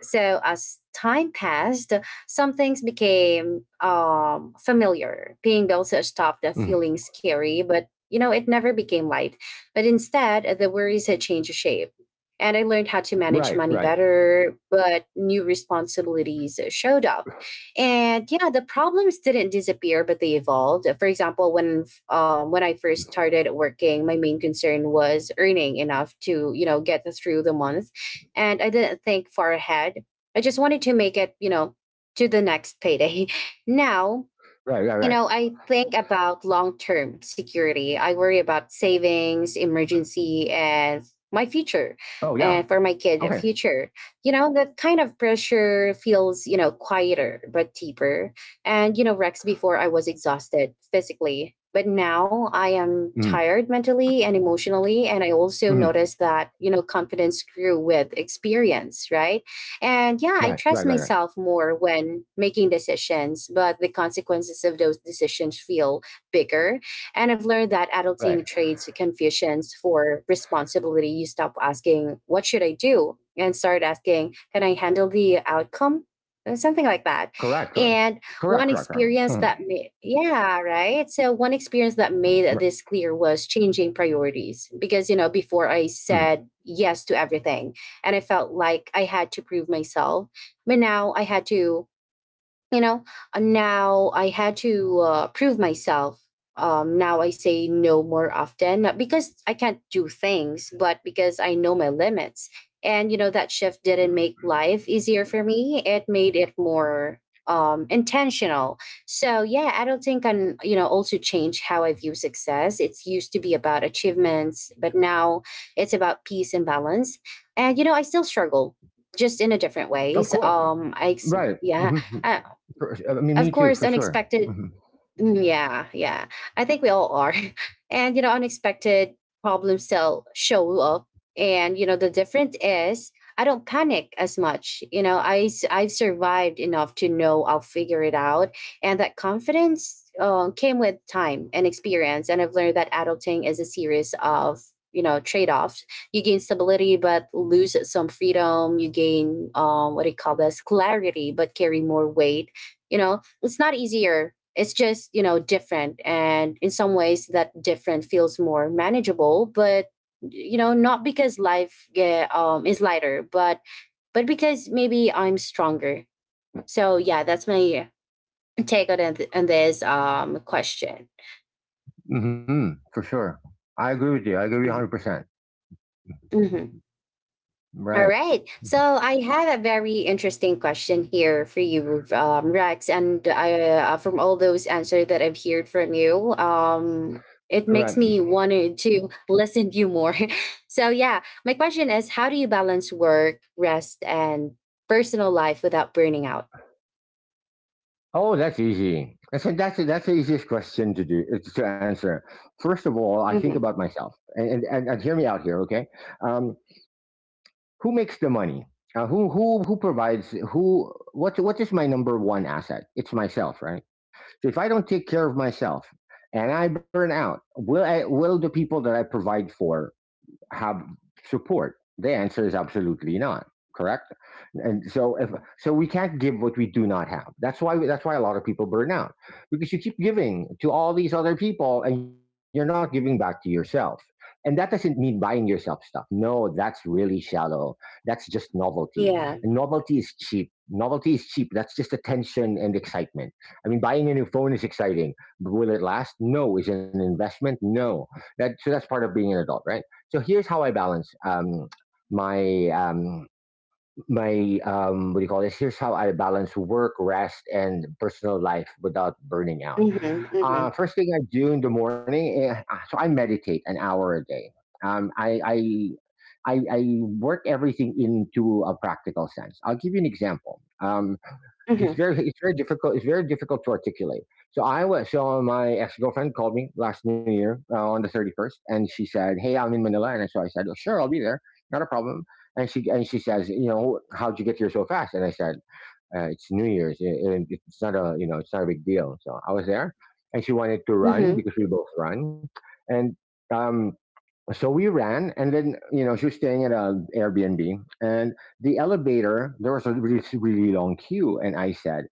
A: so as time passed, some things became um, familiar. Paying bills stopped
B: Mhm.
A: feeling scary, but you know it never became light. But instead, the worries had changed shape, and I learned how to manage
B: Right.
A: money
B: Right.
A: better. But new responsibilities showed up, and yeah, the problems didn't disappear, but they evolved. For example, when um, when I first started working, my main concern was earning enough to you know get through the month, and I didn't think far ahead. I just wanted to make it, you know, to the next payday. [laughs] Now
B: Right. Right.
A: you
B: Right.
A: know, I think about long term security. I worry about savings, emergency, and my future,
B: Oh yeah.
A: and for my kid,
B: Okay.
A: future. You know, that kind of pressure feels, you know, quieter but deeper. And, you know, Rex, before I was exhausted physically, but now I
B: Hmm.
A: am tired mentally and emotionally. And I
B: Hmm.
A: also noticed that, you know, confidence grew with experience, right? And
B: Right.
A: yeah, I
B: Right. Right.
A: trust
B: Right.
A: myself more when making decisions, but the consequences of those decisions feel bigger. And I've learned that
B: Right.
A: adulting trades confusions for responsibility. You stop asking, what should I do? And start asking, can I handle the outcome? Uh, Something like that.
B: Correct. Correct.
A: And one
B: Correct. Correct. Correct.
A: experience
B: Hmm.
A: that made, yeah, right. So, one experience that
B: Right.
A: made this clear was changing priorities because, you know, before I
B: Mhm.
A: said yes to everything and I felt like I had to prove myself. But now I had to you know and now I had to uh, prove myself. Um now I say no more often, not because I can't do things, but because I know my limits. And you know that shift didn't make life easier for me, it made it more um intentional. So yeah, I can you know also change how I view success. It's used to be about achievements, but now it's about peace and balance. And you know I still struggle, just in a different
B: Of
A: ways
B: course.
A: um i ex-
B: Right.
A: yeah.
B: Mhm.
A: I,
B: For, uh, I mean, me
A: of
B: too,
A: course,
B: for sure.
A: unexpected.
B: Hmm.
A: Mm. Yeah, yeah. I think we all are. [laughs] And, you know, unexpected problems still show up. And, you know, the difference is I don't panic as much. You know, I, s- I've survived enough to know I'll figure it out. And that confidence uh, came with time and experience. And I've learned that adulting is a series of, you know, trade offs. You gain stability, but lose some freedom. You gain, um, what do you call this, clarity, but carry more weight. You know, it's not easier, it's just you know different, and in some ways that different feels more manageable, but you know not because life yeah, um, is lighter, but but because maybe I'm stronger. So yeah, that's my take on, it- on this um question.
B: Hmm. For sure. I agree with you. I agree with you
A: Mhm.
B: one hundred percent.
A: Mhm. All
B: Right.
A: right. So I have a very interesting question here for you, um, Rex. And I, uh, from all those answers that I've heard from you, um, it
B: Right.
A: makes me want to listen to you more. [laughs] So, yeah, my question is how do you balance work, rest, and personal life without burning out?
B: Oh, that's easy. That's that's that's the easiest question to do uh, to answer. First of all, I think about
A: Hmm.
B: myself, and and, and, and hear me out here, okay? Um, who makes the money? Uh, who who who provides? Who what what is my number one asset? It's myself, right? So if I don't take care of myself and I burn out, will I will the people that I provide for have support? The answer is absolutely not. Correct. And so if So we can't give what we do not have. That's why that's why a lot of people burn out, because you keep giving to all these other people and you're not giving back to yourself. And that doesn't mean buying yourself stuff. No, that's really shallow. That's just novelty. And
A: Yeah.
B: novelty is cheap. Novelty is cheap. That's just attention and excitement. I mean, buying a new phone is exciting. But will it last? No. Is it an investment? No. That, so that's part of being an adult, right? So here's how I balance um, my um, my um, what do you call this? Here's how I balance work, rest, and personal life without burning out.
A: Hmm. Hmm.
B: Uh, first thing I do in the morning, eh, uh, so I meditate an hour a day. Um, I, I I I work everything into a practical sense. I'll give you an example. Um, it's
A: Hmm.
B: very it's very difficult it's very difficult to articulate. So i was so my ex-girlfriend called me last New Year, uh, on the thirty-first, and she said, "Hey, I'm in Manila." And so I said, "Oh, sure, I'll be there. Not a problem." And she and she says, "You know, how'd you get here so fast?" And I said, uh, "It's New Year's. It, it- it's not a you know it's not a big deal." So I was there, and she wanted to run
A: Hmm.
B: because we both run. And um so we ran, and then, you know, she was staying at an Airbnb, and the elevator, there was a really, really long queue, and I said,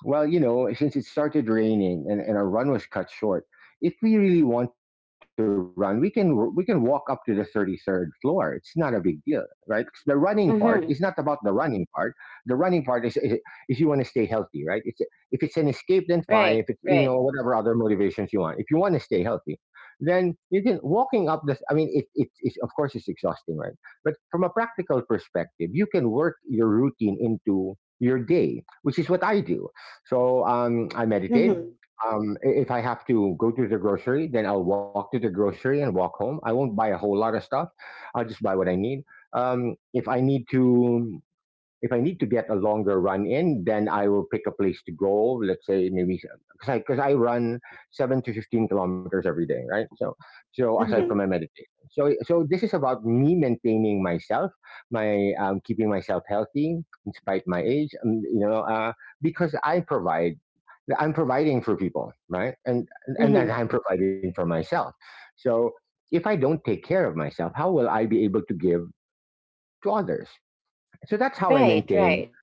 B: "Well, you know, since it started raining and, and our run was cut short, if we really want to run, we can we can walk up to the thirty-third floor. It's not a big deal, right? 'Cause the running part is not about the
A: Hmm.
B: running part. The running part is is, is you want to stay healthy, right? It's, if it's an escape, then fine. If
A: Right.
B: it's, you know,
A: Right.
B: whatever other motivations you want, if you want to stay healthy, then you can walking up the." I mean, it, it's, of course it's exhausting, right? But from a practical perspective, you can work your routine into your day, which is what I do. So um, I meditate.
A: Hmm.
B: Um, i- if I have to go to the grocery, then I'll walk to the grocery and walk home. I won't buy a whole lot of stuff. I'll just buy what I need. Um, if I need to, if I need to get a longer run in, then I will pick a place to go. Let's say, maybe, because I because I run seven to fifteen kilometers every day, right? So, so aside from my
A: Hmm.
B: meditation, so, so this is about me maintaining myself, my um, keeping myself healthy in spite my age, um, you know, uh, because I provide. I'm providing for people, right? And and that
A: Hmm.
B: I'm providing for myself. So if I don't take care of myself, how will I be able to give to others? So that's how I
A: Right.
B: maintain
A: Right.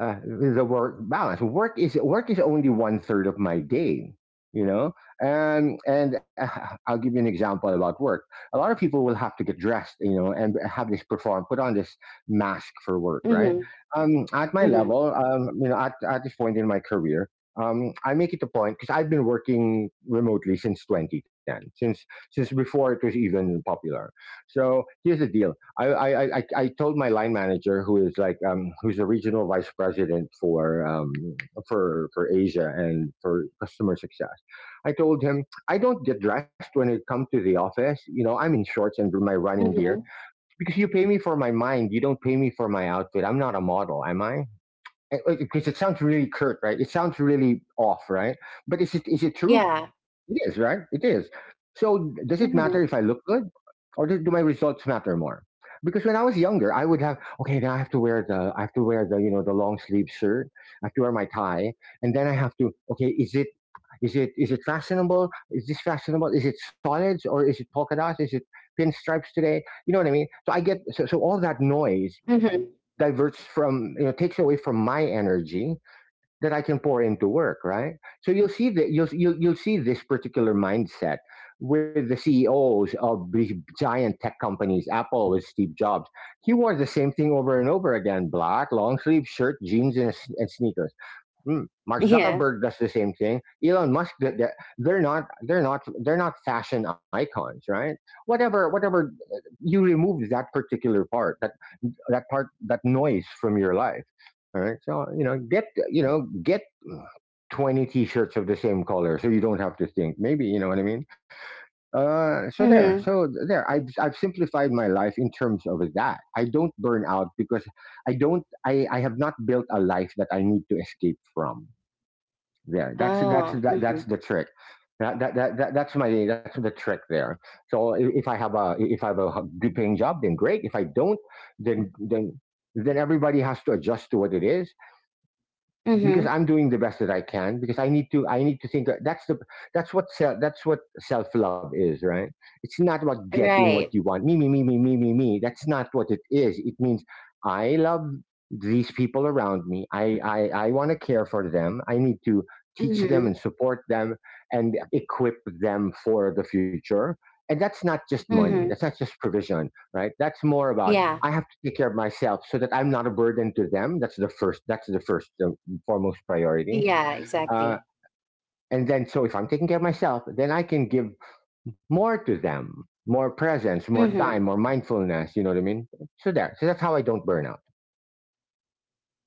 B: uh, the work balance. Work is work is only one third of my day. You know, um, and uh, [laughs] I'll give you an example about work. A lot of people will have to get dressed, you know, and have this perform, put on this mask for work, right?
A: Hmm.
B: Um, at my
A: Hmm.
B: level, um, you know, at, at this point in my career, um, I make it a point because I've been working remotely since twenty ten, since since before it was even popular. So here's the deal: I, I, I, I told my line manager, who is like, um, who's a regional vice president for, um, for, for Asia and for customer success. I told him, "I don't get dressed when I come to the office. You know, I'm in shorts and my running gear
A: Hmm.
B: because you pay me for my mind. You don't pay me for my outfit. I'm not a model, am I?" Because it sounds really curt, right? It sounds really off, right? But is it, is it true?
A: Yeah.
B: It is, right? It is. So does it matter if I
A: Mhm.
B: look good, or do, do my results matter more? Because when I was younger, I would have, okay, now I have to wear the, I have to wear the you know, the long sleeve shirt. I have to wear my tie, and then I have to, okay, Is it is it is it fashionable? Is this fashionable? Is it solids or is it polka dots? Is it pinstripes today? You know what I mean. So I get, so, so all that noise
A: Mhm.
B: diverts from, you know, takes away from my energy that I can pour into work, right? So you'll see that you'll you'll, you'll see this particular mindset with the C E Os of these giant tech companies. Apple with Steve Jobs, he wore the same thing over and over again: black long sleeve shirt, jeans, and, and sneakers. Hmm. Mark
A: Yeah.
B: Zuckerberg does the same thing. Elon Musk, that- that- they're not, they're not they're not fashion icons, right? Whatever whatever, you remove that particular part, that, that part that noise from your life. All right. So, you know, get, you know, get twenty t-shirts of the same color so you don't have to think, maybe, you know what I mean. Uh, so there, so
A: Mhm.
B: there, I've, I've simplified my life in terms of that. I don't burn out because I don't I, I have not built a life that I need to escape from. There, that's that's
A: Oh.
B: that, that's
A: Mhm.
B: the trick. That, that, that, that, that's my, that's the trick there. So i- if I have a, if I have a good paying job, then great. If I don't, then, then then everybody has to adjust to what it is because
A: Mhm.
B: I'm doing the best that I can because I need to I need to think. That's the, that's what self that's what self love is, right? It's not about getting what
A: Right.
B: you want. Me, me, me, me, me, me, me. That's not what it is. It means I love these people around me. I I, I want to care for them. I need to teach them
A: Mhm.
B: and support them and equip them for the future, and that's not just money, that's
A: Mhm.
B: not just provision, right? That's more about
A: Yeah.
B: I have to take care of myself so that I'm not a burden to them. That's the first. That's the first, um, foremost priority.
A: Yeah,
B: Uh,
A: exactly.
B: and then, so if I'm taking care of myself, then I can give more to them, more presence, more time,
A: Mhm.
B: more mindfulness. You know what I mean? So there. So that's how I don't burn out.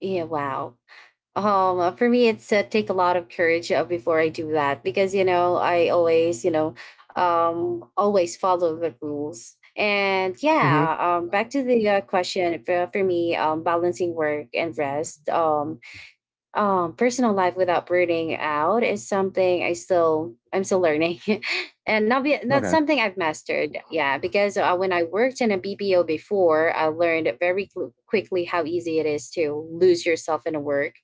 A: Yeah, wow. Um uh, for me, it's uh, take a lot of courage uh, before I do that, because you know, I always, you know, um always follow the rules. And yeah,
B: Hmm
A: um back to the uh, question for, for me um balancing work and rest. Um um personal life without burning out is something i still i'm still learning [laughs] and not be not
B: Okay.
A: something I've mastered, yeah, because uh, when I worked in a BPO before, I learned very cl- quickly how easy it is to lose yourself in the work.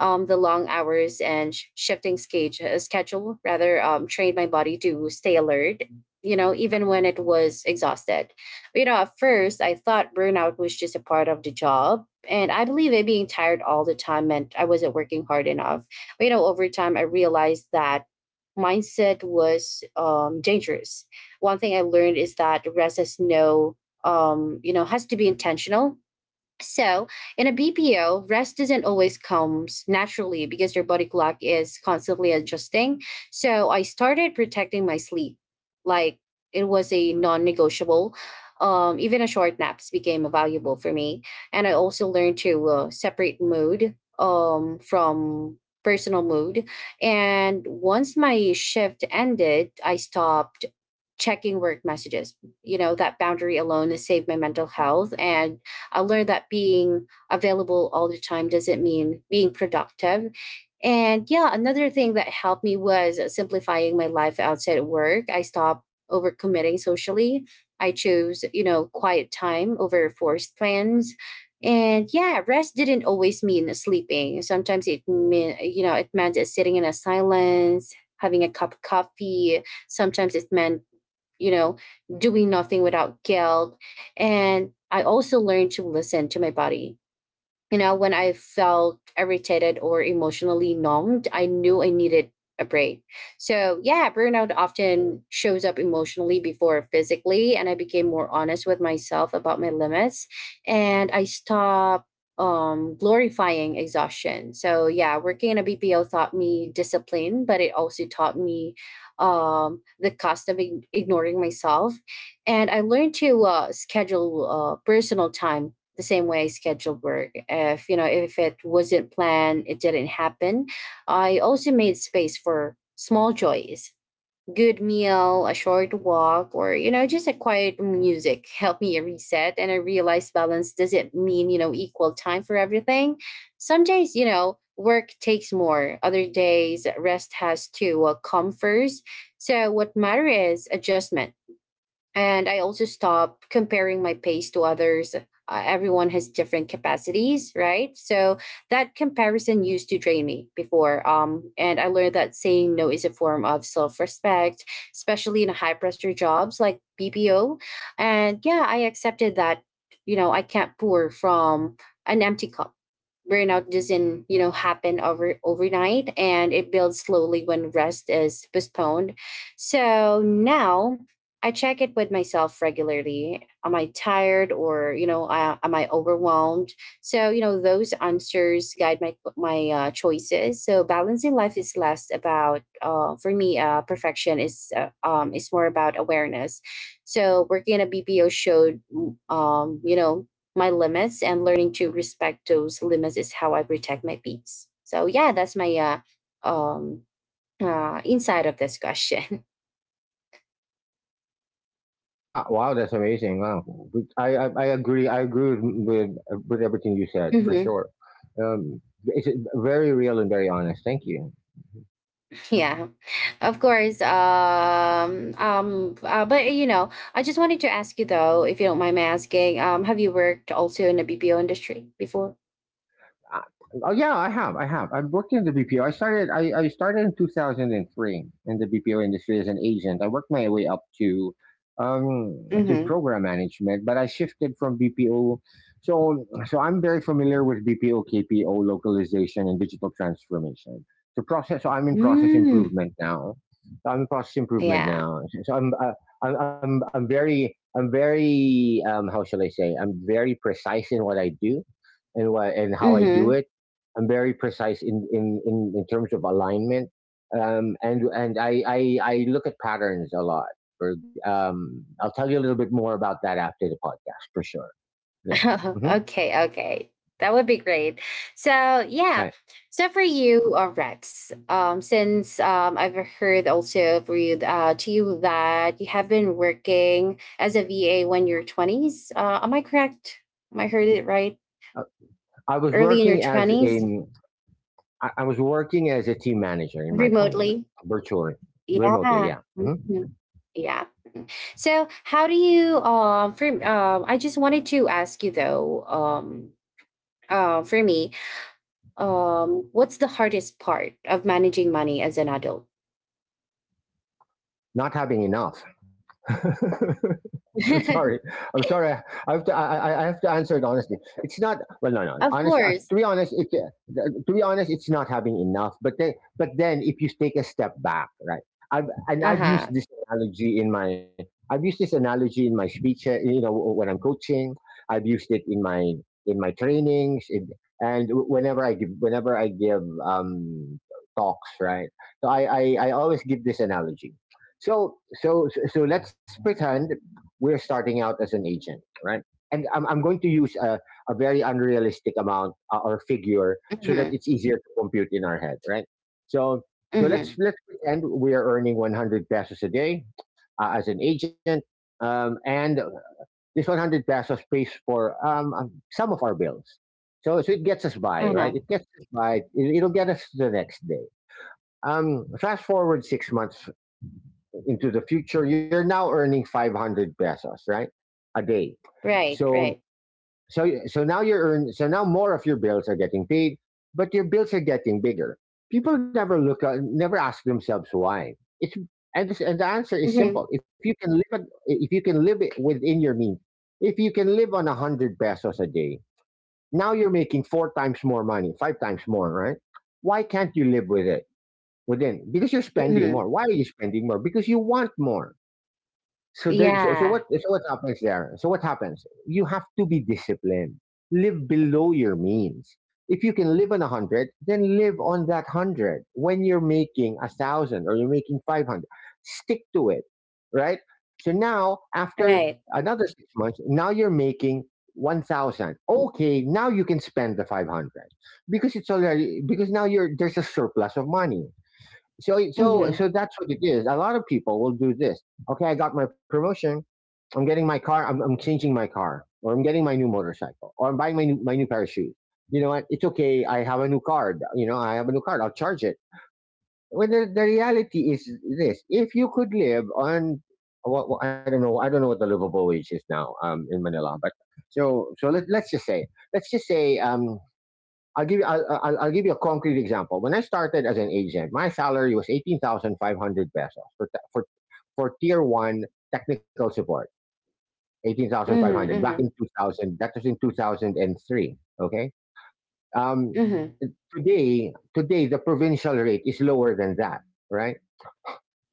A: Um the long hours and sh- shifting scage- uh, schedule rather um trained my body to stay alert you know even when it was exhausted. You know at first I thought burnout was just a part of the job, and I believe it being tired all the time meant I wasn't working hard enough. But, you know, over time, I realized that mindset was um, dangerous. One thing I learned is that rest has no, um, you know, has to be intentional. So, in a B P O, rest doesn't always come naturally because your body clock is constantly adjusting. So, I started protecting my sleep. Like, it was a non negotiable. Um, even a short naps became valuable for me. And I also learned to uh, separate mood um, from personal mood. And once my shift ended, I stopped checking work messages. You know, that boundary alone saved my mental health, and I learned that being available all the time doesn't mean being productive. And yeah, another thing that helped me was simplifying my life outside of work. I stopped overcommitting socially. I chose, you know, quiet time over forced plans. And yeah, rest didn't always mean sleeping. Sometimes it meant, you know, it meant sitting in a silence, having a cup of coffee. Sometimes it meant you know, doing nothing without guilt. And I also learned to listen to my body you know, when I felt irritated or emotionally numbed, I knew I needed a break. So, yeah, burnout often shows up emotionally before physically. And I became more honest with myself about my limits, and I stopped um, glorifying exhaustion. So, yeah, working in a B P O taught me discipline, but it also taught me um, the cost of ig- ignoring myself. And I learned to uh, schedule uh, personal time the same way I scheduled work. If you know if it wasn't planned, it didn't happen. I also made space for small joys: good meal, a short walk, or you know just a quiet music [laughs] helped me reset. And I realized balance doesn't mean you know equal time for everything. Some days you know work takes more, other days rest has to uh, come first. So what matters is adjustment. And I also stop comparing my pace to others. Uh, everyone has different capacities, right? So that comparison used to drain me before. Um, and I learned that saying no is a form of self-respect, especially in high pressure jobs like BPO. And yeah, I accepted that, you know I can't pour from an empty cup. Burnout doesn't you know happen over overnight, and it builds slowly when rest is postponed. So now I check it with myself regularly. Am I tired, or you know uh, am I overwhelmed? So you know those answers guide my my uh, choices. So balancing life is less about uh, for me uh, perfection, is uh, um, is more about awareness. So working in a BPO showed mm, um, you know my limits, and learning to respect those limits is how I protect my peace. So yeah, that's my uh, um, uh, inside of this question.
B: Ah, wow, that's amazing. Wow, I, I, I agree. I agree with with everything you
A: [laughs]
B: said for
A: Hmm.
B: sure. Um, it's, uh, very real and very honest. Thank you.
A: Yeah, of course. Um, um, uh, but you know, I just wanted to ask you though, if you don't mind me asking, um, have you worked also in the B P O industry before?
B: Uh, Oh yeah, I have. I have. I've worked in the B P O. I started. I, I started in two thousand three in the B P O industry as an agent. I worked my way up to um to
A: Mm-hmm.
B: program management, but I shifted from B P O. So, so I'm very familiar with B P O, K P O, localization, and digital transformation. So process. So I'm in process
A: Mm,
B: improvement now. So I'm in process improvement
A: yeah.
B: now. So I'm uh, I'm, I'm I'm very, I'm very, um how shall I say? I'm very precise in what I do and what and how I do
A: Mm-hmm.
B: it. I'm very precise in in in, in terms of alignment. Um, and and I, I I look at patterns a lot. Or, um, I'll tell you a little bit more about that after the podcast for sure.
A: [laughs]
B: Yeah. hmm
A: Okay, okay. That would be great. So yeah.
B: Right.
A: So for you, uh, Rex, um, since um, I've heard also for you uh, to you that you have been working as a V A when you're twenties. Uh, am I correct? Am I heard it right?
B: Uh, I was
A: Early in your
B: working as a,
A: twenties,
B: I I was working as a team manager in my twenties,
A: remotely.
B: virtually, remotely.
A: Yeah.
B: Yeah. hmm
A: Mhm. Yeah. So how do you um for um I just wanted to ask you though, um uh, for me, um, what's the hardest part of managing money as an adult?
B: Not having enough. [laughs] I'm sorry.
A: [laughs]
B: I'm sorry. I I have to. I, I I have to answer it honestly. It's not. Well, no, no.
A: Of
B: Honest. Uh,
A: course.
B: to be honest, it, uh, to be honest, it's not having enough. But then, but then, if you take a step back, right? I've and
A: Uh
B: I've used
A: huh.
B: this analogy in my. I've used this analogy in my speech. uh, You know, when I'm coaching, I've used it in my, in my trainings, in, and whenever I give, whenever I give um, talks, right? So I, I I always give this analogy. So so so so let's pretend we're starting out as an agent, right? And I'm, I'm going to use a, a very unrealistic amount uh, or figure
A: Mm
B: so that
A: hmm.
B: it's easier to compute in our head, right? So, so
A: Mm
B: let's
A: hmm.
B: let's pretend we are earning one hundred pesos a day uh, as an agent, um, and this one hundred pesos pays for um, um, some of our bills. So, so it gets us by,
A: Uh
B: right?
A: huh.
B: It gets us by. It, it'll get us to the next day. Um, fast forward six months into the future, you're now earning five hundred pesos, right? A day.
A: Right.
B: So,
A: Right.
B: so, so now you're earn, so now more of your bills are getting paid, but your bills are getting bigger. People never look at, never ask themselves why. It's, and this, and the answer
A: Mm
B: is
A: hmm.
B: simple. If you can live, at- if you can live it within your means, if you can live on one hundred pesos a day, now you're making four times more money, five times more, right? Why can't you live with it? Within, because you're
A: Mm
B: spending more.
A: hmm.
B: Why are you spending more? Because you want more. So then, so so what
A: Yeah.
B: so what happens there? So what happens? You have to be disciplined. Live below your means. If you can live on a hundred, then live on that hundred. When you're making a thousand or you're making five hundred, stick to it, right? So now, after
A: Right.
B: another six months, now you're making one thousand. Okay, now you can spend the five hundred because it's already, because now you're, there's a surplus of money. So,
A: Mm
B: so,
A: hmm.
B: so that's what it is. A lot of people will do this. Okay, I got my promotion. I'm getting my car. I'm, I'm changing my car, or I'm getting my new motorcycle, or I'm buying my new, my new pair of shoes. You know what? It's okay. I have a new card. You know, I have a new card. I'll charge it. Well, the, the reality is this: if you could live on, what what- I don't know, I don't know what the livable wage is now, um, in Manila, but so so let, let's just say, let's just say um, I'll give you. I'll, I'll, I'll give you a concrete example. When I started as an agent, my salary was eighteen thousand five hundred pesos for for for tier one technical support. Eighteen thousand five
A: Mm
B: hundred
A: hmm. Mm
B: back in
A: hmm.
B: two thousand. That was in two thousand and three. Okay. Um,
A: Mm hmm.
B: today, today the provincial rate is lower than that, right?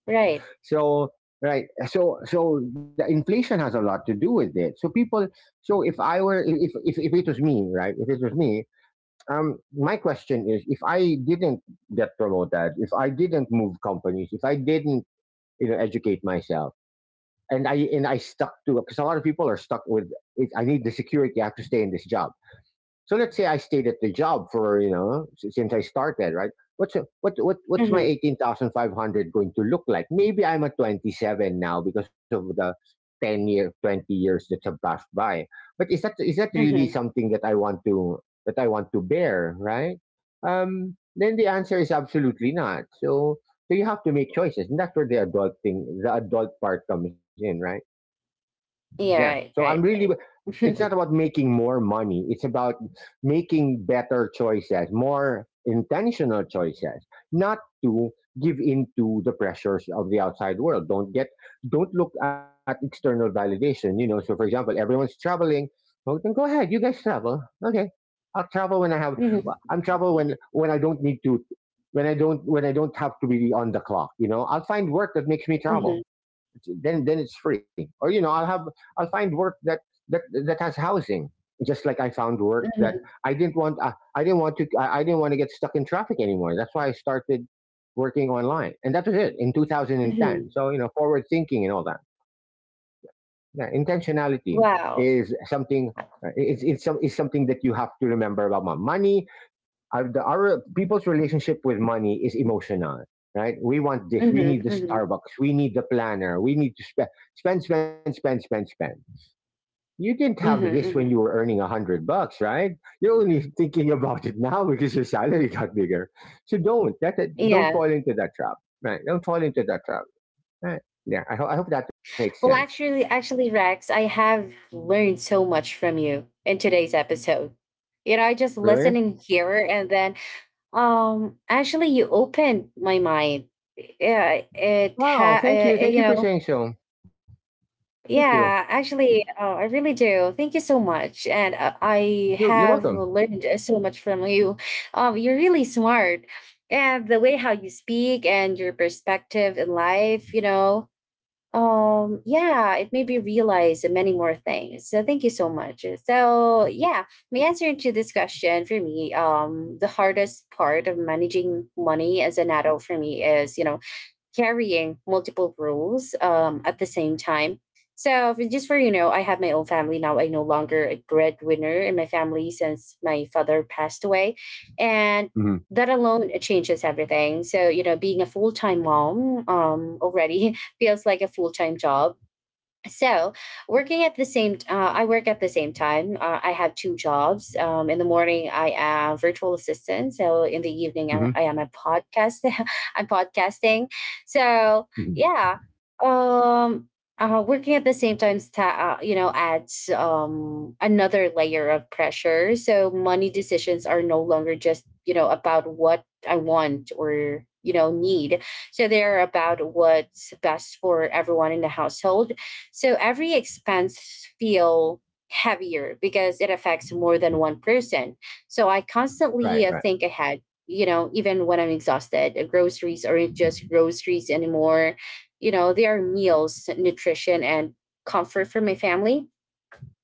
A: Right.
B: So, right. So, so the inflation has a lot to do with it. So people. So if I were, if if if it was me, right? If it was me, um, my question is: if I didn't get promoted, if I didn't move companies, if I didn't, you know educate myself, and i and i stuck to, because a lot of people are stuck with it, I need the security, I have to stay in this job. So let's say I stayed at the job for, you know, s- since I started, right? What's a- what what what's my
A: Mm
B: eighteen thousand five hundred going to look like? Maybe I'm at twenty seven now because of the ten year, twenty years that have passed by. But is that is that
A: hmm. Mm
B: really
A: hmm.
B: something that I want to that I want to bear, right? Um, then the answer is absolutely not. So so you have to make choices, and that's where the adult thing, the adult part comes in, right? There,
A: Yeah.
B: So
A: Right.
B: I'm
A: Right.
B: really,
A: Right. [laughs]
B: It's not
A: Mm
B: about making more money. It's about making better choices, more intentional choices, not to give into the pressures of the outside world. Don't get, don't look at external validation. You know, so for example, everyone's traveling. Well, then go ahead. You guys travel. Okay. I'll travel when I have, well,
A: hmm.
B: I'm travel when, when I don't need to, when I don't, when I don't have to be on the clock. You know, I'll find work that makes me
A: Mm hmm.
B: travel, then then it's free. Or, you know, I'll have I'll find work that that that has housing. Just like I found work that I didn't want I, I didn't want to I, I didn't want to get stuck in traffic anymore. That's why I started working online, and that was it in
A: Mm
B: two thousand ten.
A: hmm.
B: So, you know, forward thinking and all that. Yeah, intentionality is
A: Wow.
B: something. Uh, it's, it's, some, it's something that you have to remember about money. Our, the, our people's relationship with money is emotional. Right, we want
A: Mm
B: this, we need the
A: hmm. Mm hmm.
B: Starbucks, we need the planner, we need to spend, spend, spend, spend, spend, spend. You didn't have
A: Mm hmm.
B: this when
A: Mm
B: you
A: hmm.
B: were earning a hundred bucks, right? You're only thinking about it now because your salary got bigger. So don't that don't
A: Yeah.
B: fall into that trap, right? Don't fall into that trap, right? Yeah, i, ho- I hope that makes sense.
A: Well, actually, actually, Rex, I have learned so much from you in today's episode. You know, I just
B: Really?
A: listened in here, and then, um, actually, you opened my mind. Yeah, it
B: Wow,
A: ha,
B: thank you,
A: uh,
B: thank
A: you
B: you for
A: know,
B: saying so. Thank you.
A: yeah, actually, uh, I really do. Thank you so much, and uh, I
B: You're, you're
A: have
B: welcome.
A: learned so much from you. Um, you're really smart, and the way how you speak and your perspective in life, you know, um, yeah, it made me realize many more things. So thank you so much. So yeah, my answer to this question for me, um, the hardest part of managing money as an adult for me is, you know, carrying multiple roles um, at the same time. So f- just for You know, I have my own family now. I no longer a breadwinner in my family since my father passed away, and
B: Hmm.
A: that alone it changes everything. So you know, being a full time mom um, already [laughs] feels like a full time job. So working at the same uh, I work at the same time. uh, I have two jobs. Um, in the morning I am virtual assistant, so in the evening i,
B: Hmm.
A: I am a podcast. [laughs] I'm podcasting. so yeah um uh, Working at the same time sta- uh, you know adds um another layer of pressure. So money decisions are no longer just you know about what I want or you know need, so they're about what's best for everyone in the household. So every expense feel heavier because it affects more than one person. So I
B: Right,
A: constantly uh,
B: right.
A: think ahead, you know, even when I'm exhausted. Uh, groceries aren't just groceries anymore. You know, they are meals, nutrition, and comfort for my family.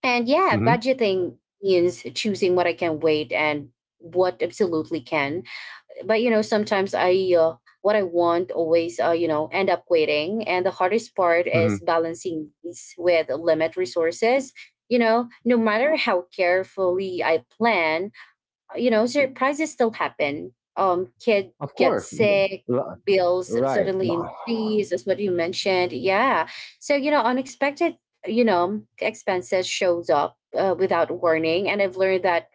A: And yeah,
B: Hmm.
A: budgeting means choosing what I can wait and what absolutely can. But you know, sometimes I uh, what I want always uh, you know end up waiting, and the hardest part
B: Hmm.
A: is balancing these with limit resources. You know, no matter how carefully I plan, you know surprises still happen. Um, kid
B: Of
A: gets
B: course. Mhm.
A: sick,
B: Ri-
A: bills
B: Right.
A: suddenly increase as what you mentioned. Yeah, so you know unexpected, you know expenses shows up uh, without warning. And I've learned that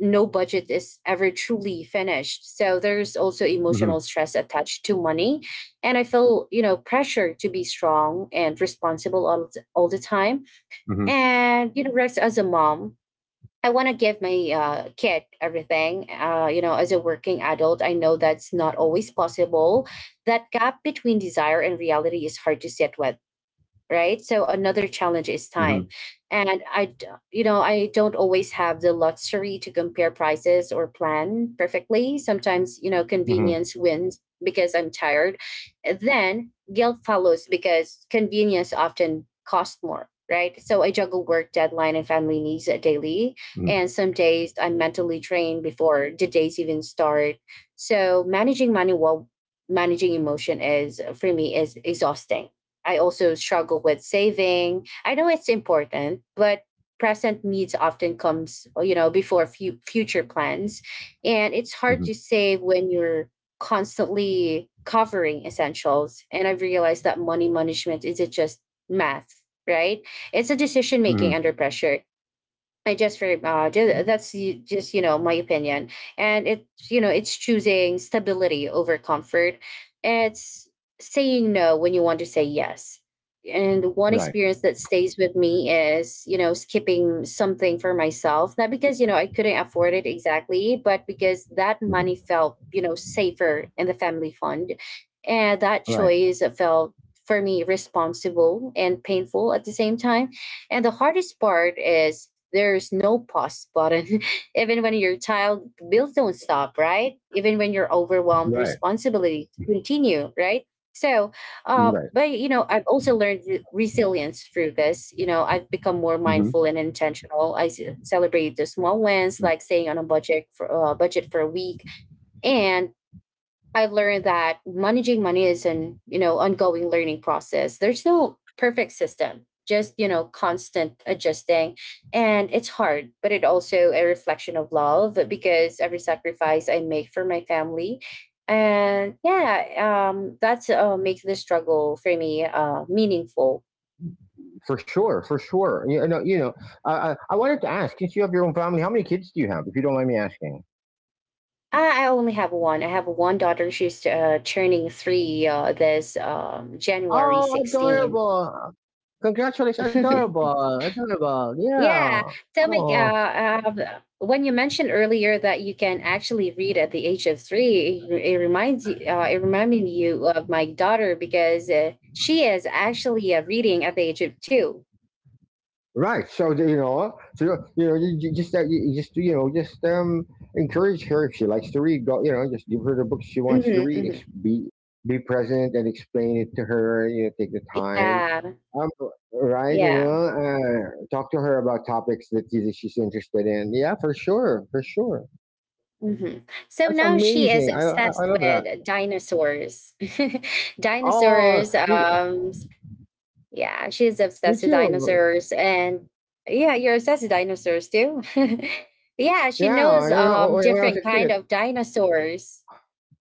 A: no budget is ever truly finished. So there's also
B: Mm-hmm.
A: emotional stress attached to money. And I feel, you know, pressure to be strong and responsible all, the- all the time.
B: Mm-hmm.
A: And, you know, Rex, as a mom, I want to give my uh, kid everything. Uh, you know, as a working adult, I know that's not always possible. That gap between desire and reality is hard to sit with, right? So another challenge is
B: Mm-hmm.
A: time, and i d- you know I don't always have the luxury to compare prices or plan perfectly. Sometimes you know
B: Mm-hmm.
A: convenience wins because I'm tired, then guilt follows because convenience often costs more, right? So I juggle work deadline and family needs daily,
B: Mm-hmm.
A: and some days I'm mentally drained before the days even start. So managing money while managing emotion is for me is exhausting. I also struggle with saving. I know it's important, but present needs often comes, you know, before fu- future plans. And it's hard
B: Mm-hmm.
A: to save when you're constantly covering essentials. And I've realized that money management isn't just math, right? It's a decision
B: Mm-hmm.
A: making under pressure. I just very uh, just that's y- just you know my opinion, and it's you know it's choosing stability over comfort. It's saying no when you want to say yes. And one
B: Right.
A: experience that stays with me is you know skipping something for myself, not because you know I couldn't afford it exactly, but because that money
B: Mm-hmm.
A: felt you know safer in the family fund, and that
B: Right.
A: choice felt for me responsible and painful at the same time. And the hardest part is there's no pause button. [laughs] Even when your child bills don't stop, right? Even when you're overwhelmed,
B: Right.
A: responsibility continue, right? So, uh,
B: Right.
A: but you know, I've also learned re- resilience through this. You know, I've become more
B: Mm-hmm.
A: mindful and intentional. I s- celebrate the small wins, like staying on a budget for uh, budget for a week, and I learned that managing money is an, you know, ongoing learning process. There's no perfect system, just, you know, constant adjusting. And it's hard, but it also a reflection of love because every sacrifice I make for my family, and yeah, um, that's uh, makes the struggle for me uh, meaningful.
B: For sure. For sure. You know. You know. I, I I wanted to ask, since you have your own family, how many kids do you have? If you don't mind me asking.
A: I, I only have one. I have one daughter. She's uh, turning three uh, this um, January
B: Oh,
A: 16.
B: adorable! Congratulations,
A: [laughs]
B: adorable, adorable. Yeah.
A: Yeah, tell me, uh,
B: Oh.
A: uh, when you mentioned earlier that you can actually read at the age of three, it, it reminds you, uh, it reminded you of my daughter because uh, she is actually uh, reading at the age of two.
B: Right. So you know, so, you know, you, you just uh, you just you know, just um, encourage her if she likes to read. Go, you know, just give her the books she wants to
A: Mm-hmm,
B: read.
A: mm-hmm.
B: Ex- be be present and explain it to her. You know, take the time.
A: Yeah,
B: Um, right. You
A: yeah.
B: know, uh, talk to her about topics that she- she's interested in. Yeah, for sure, for sure.
A: Hmm. So
B: That's
A: now she is
B: amazing. I I, I
A: obsessed
B: love that.
A: with dinosaurs. [laughs]
B: Oh,
A: Dinosaurs.
B: me,
A: Um, Yeah, she's
B: me
A: obsessed with
B: too.
A: dinosaurs. And yeah, you're obsessed with dinosaurs too. [laughs] Yeah, she
B: Yeah,
A: knows
B: I- I-
A: um
B: when I was
A: different
B: a
A: kind
B: kid.
A: of dinosaurs.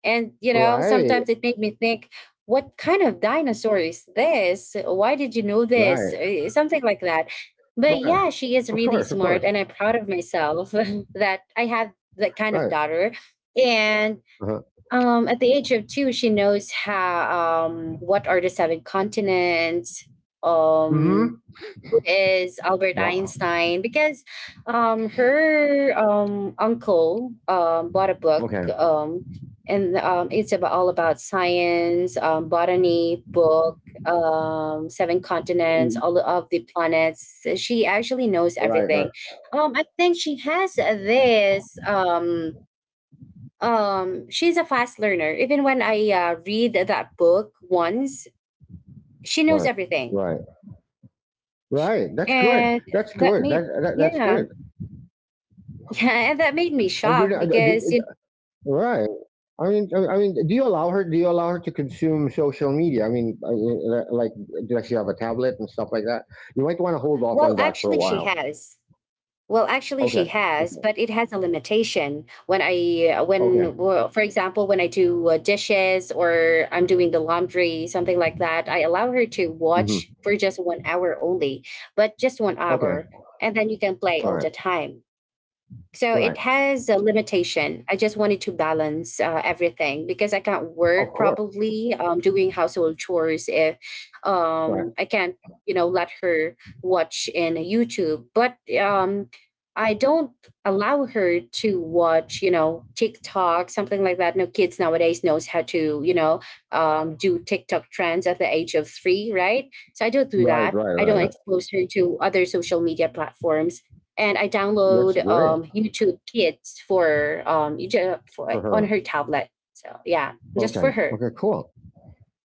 A: And you know,
B: Right.
A: sometimes it made me think, what kind of dinosaur is this? Why did you know this?
B: Right.
A: Eh, something like that. But
B: Right.
A: yeah, she
B: Of
A: is
B: course, of
A: really
B: course.
A: smart and I'm proud of myself [laughs] that I have that kind of
B: Right.
A: daughter. And
B: Uh-huh.
A: um, at the age of two, she knows how um, what are the seven continents. Um,
B: Mm-hmm.
A: who is Albert
B: Wow.
A: Einstein? Because um, her um, uncle um, bought a book,
B: Okay.
A: um, and um, it's about all about science, um, botany book, um, seven continents, all
B: Mm.
A: of the planets. She actually knows
B: Right. Right.
A: everything. Um, I think she has this. Um, um she's a fast learner. Even when I uh, read that book once, she knows
B: Right.
A: everything.
B: Right.
A: Sh-
B: Right. That's good.
A: and
B: That's
A: That
B: good. That,
A: made,
B: that that's
A: yeah,
B: good.
A: [laughs] yeah, and that made me
B: And you
A: shocked
B: know, uh,
A: because
B: the-
A: it,
B: uh, Right. I mean, I I mean, do you allow her? Do you allow her to consume social media? I mean, I- I- like, does she have a tablet and stuff like that? You might want to hold off
A: well
B: on that for a
A: actually she
B: while.
A: has well actually she
B: Okay.
A: has,
B: Okay.
A: but it has a limitation when i uh, when
B: Okay.
A: well, for example when I do uh, dishes, or I'm doing the laundry, something like that, I allow her to watch
B: Hmm.
A: for just one hour only. But just one hour,
B: Okay.
A: and then you can play all
B: All
A: the
B: right.
A: time. So it
B: Right.
A: has a limitation. I just wanted to balance uh, everything because I can't work
B: Of course.
A: properly um, doing household chores if
B: Right.
A: um, I can't, you know, let her watch in YouTube. But um, I don't allow her to watch, you know, TikTok, something like that. No, kids nowadays knows how to, you know, um, do TikTok trends at the age of three, right? So I don't do
B: Right.
A: that.
B: Right.
A: I
B: Right.
A: don't
B: Right.
A: expose her to other social media platforms, and I
B: That's
A: download
B: great
A: um, YouTube Kids for um you ju- for
B: for
A: on
B: her.
A: her tablet. So yeah, just
B: Okay.
A: for her.
B: Okay. Cool.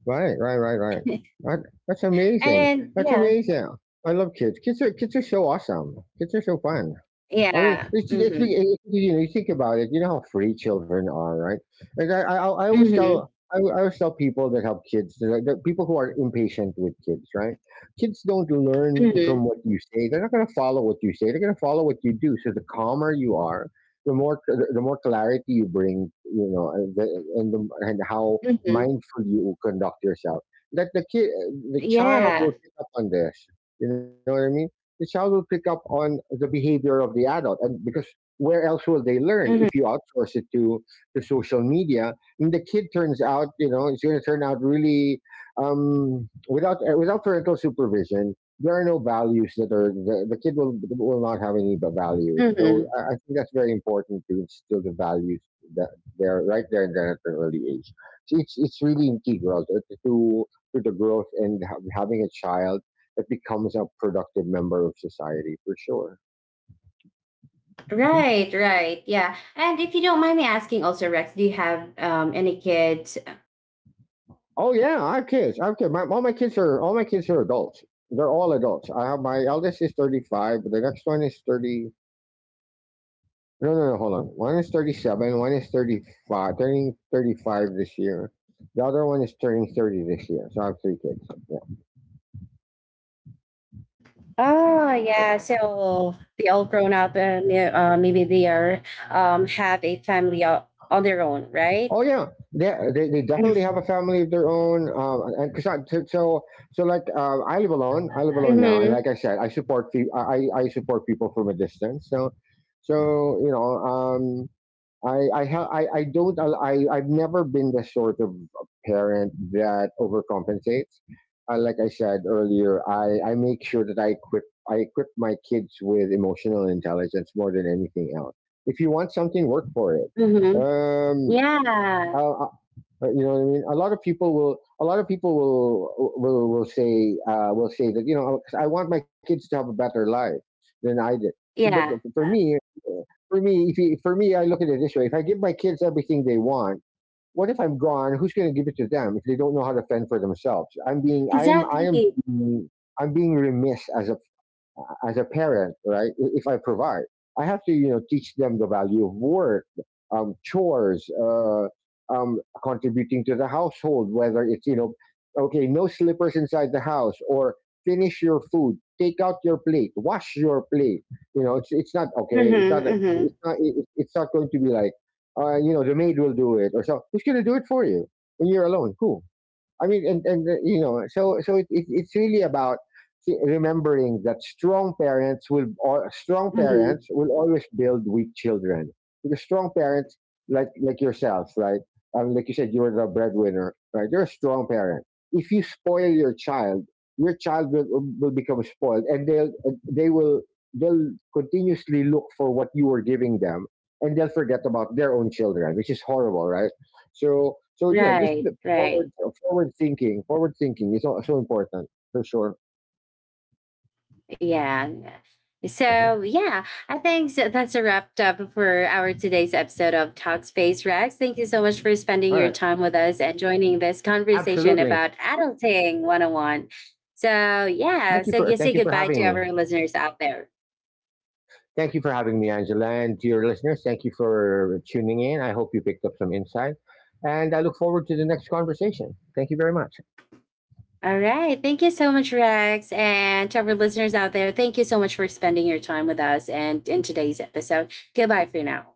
B: Right, right, right, right. That that's amazing.
A: And
B: That's
A: yeah,
B: amazing. I love kids. Kids are kids are so awesome. Kids are so fun. I mean,
A: yeah,
B: it's, it's,
A: mm-hmm,
B: it's you know, you think about it. You know how free children are, right? Like I, I, I always
A: mm-hmm,
B: tell, I, I always tell people that help kids, that that people who are impatient with kids, right? Kids don't learn from what
A: mm-hmm,
B: you say. They're not going to follow what you say. They're going to follow what you do. So the calmer you are, the more, the, the more clarity you bring, you know, and the, and, the, and how
A: mm-hmm.
B: mindful you conduct yourself. That the kid, the child will
A: Yeah,
B: pick up on this. You know what I mean? The child will pick up on the behavior of the adult, and because where else will they learn if
A: mm-hmm,
B: you outsource it to to social media, and the kid turns out, you know, it's going to turn out really, um, without, uh, without parental supervision, there are no values that are the, the kid will will not have any v- values.
A: mm-hmm.
B: So I, I think that's very important, to instill the values, that they're right there and then at an early age. So it's it's really integral to to, to the growth and ha- having a child that becomes a productive member of society, for sure. Mm-hmm.
A: Right, right, yeah. And if you don't mind me asking, also Rex, do you have um any kids?
B: Oh yeah, I have kids. I have kids. My, all my kids are all my kids are adults. They're all adults. I have My eldest is thirty five, but the next one is thirty. No, no, no. Hold on. One is thirty seven. One is thirty five, turning thirty five this year. The other one is turning thirty this year. So I have three kids. Yeah.
A: Oh yeah, so they all grown up and they- uh, maybe they are um have a family o- on their own, right?
B: Oh yeah, yeah. They, they definitely have
A: Mm-hmm.
B: a family of their own. Um, and 'cause I- so so so, like, uh, I live alone. I live alone now, and
A: Mm-hmm.
B: like I said, I support pe- I I I support people from a distance. So so you know um. I I, ha- I I don't al- I I've never been the sort of parent that overcompensates. Uh, like I said earlier, I, I make sure that I equip I equip my kids with emotional intelligence more than anything else. If you want something, work for it.
A: Mm-hmm.
B: Um,
A: Yeah,
B: you know what I mean? A lot of people will. A lot of people will will will say, uh, will say that, you know I want my kids to have a better life than I did. But
A: yeah,
B: for me, for me, if you, for me, I look at it this way: if I give my kids everything they want, what if I'm gone? Who's going to give it to them if they don't know how to fend for themselves? I'm being I'm I am
A: exactly.
B: being- I'm being remiss as a as a parent, right? If I provide, I have to, you know, teach them the value of work, um, chores, uh, um, contributing to the household, whether it's, you know, okay, no slippers inside the house, or finish your food, take out your plate, wash your plate. You know, it's, it's not, okay, it's not,
A: Mm-hmm,
B: like,
A: mm-hmm,
B: it's not, it- it's not going to be like, uh, you know, the maid will do it or so. Who's going to do it for you when you're alone? Who? I mean, and and uh, you know, so so it, it, it's really about, see, remembering that strong parents will, or strong
A: mm-hmm.
B: parents will, always build weak children, because strong parents, like like yourself, right? Um, like you said, you're the breadwinner, right? You're a strong parent. If you spoil your child, your child will, will become spoiled, and they'll they will they'll continuously look for what you were giving them, and they'll forget about their own children, which is horrible, right? So so yeah, just,
A: Right, right.
B: Forward, forward thinking, forward thinking is so, so important, for sure.
A: Yeah. Yeah.
B: Mhm.
A: So yeah, I think so that's a wrap up for our today's episode of Talkspace Rex. Thank you so much for spending
B: All
A: your
B: right,
A: time with us and joining this conversation
B: absolutely.
A: about adulting one oh one. So yeah,
B: Thank you
A: so
B: for
A: you say
B: thank you for
A: goodbye to
B: having
A: our
B: me.
A: listeners out there.
B: Thank you for having me, Angela, and to your listeners. Thank you for tuning in. I hope you picked up some insight, and I look forward to the next conversation. Thank you very much.
A: All right. Thank you so much, Rex. And to our listeners out there, thank you so much for spending your time with us and in today's episode. Goodbye for now.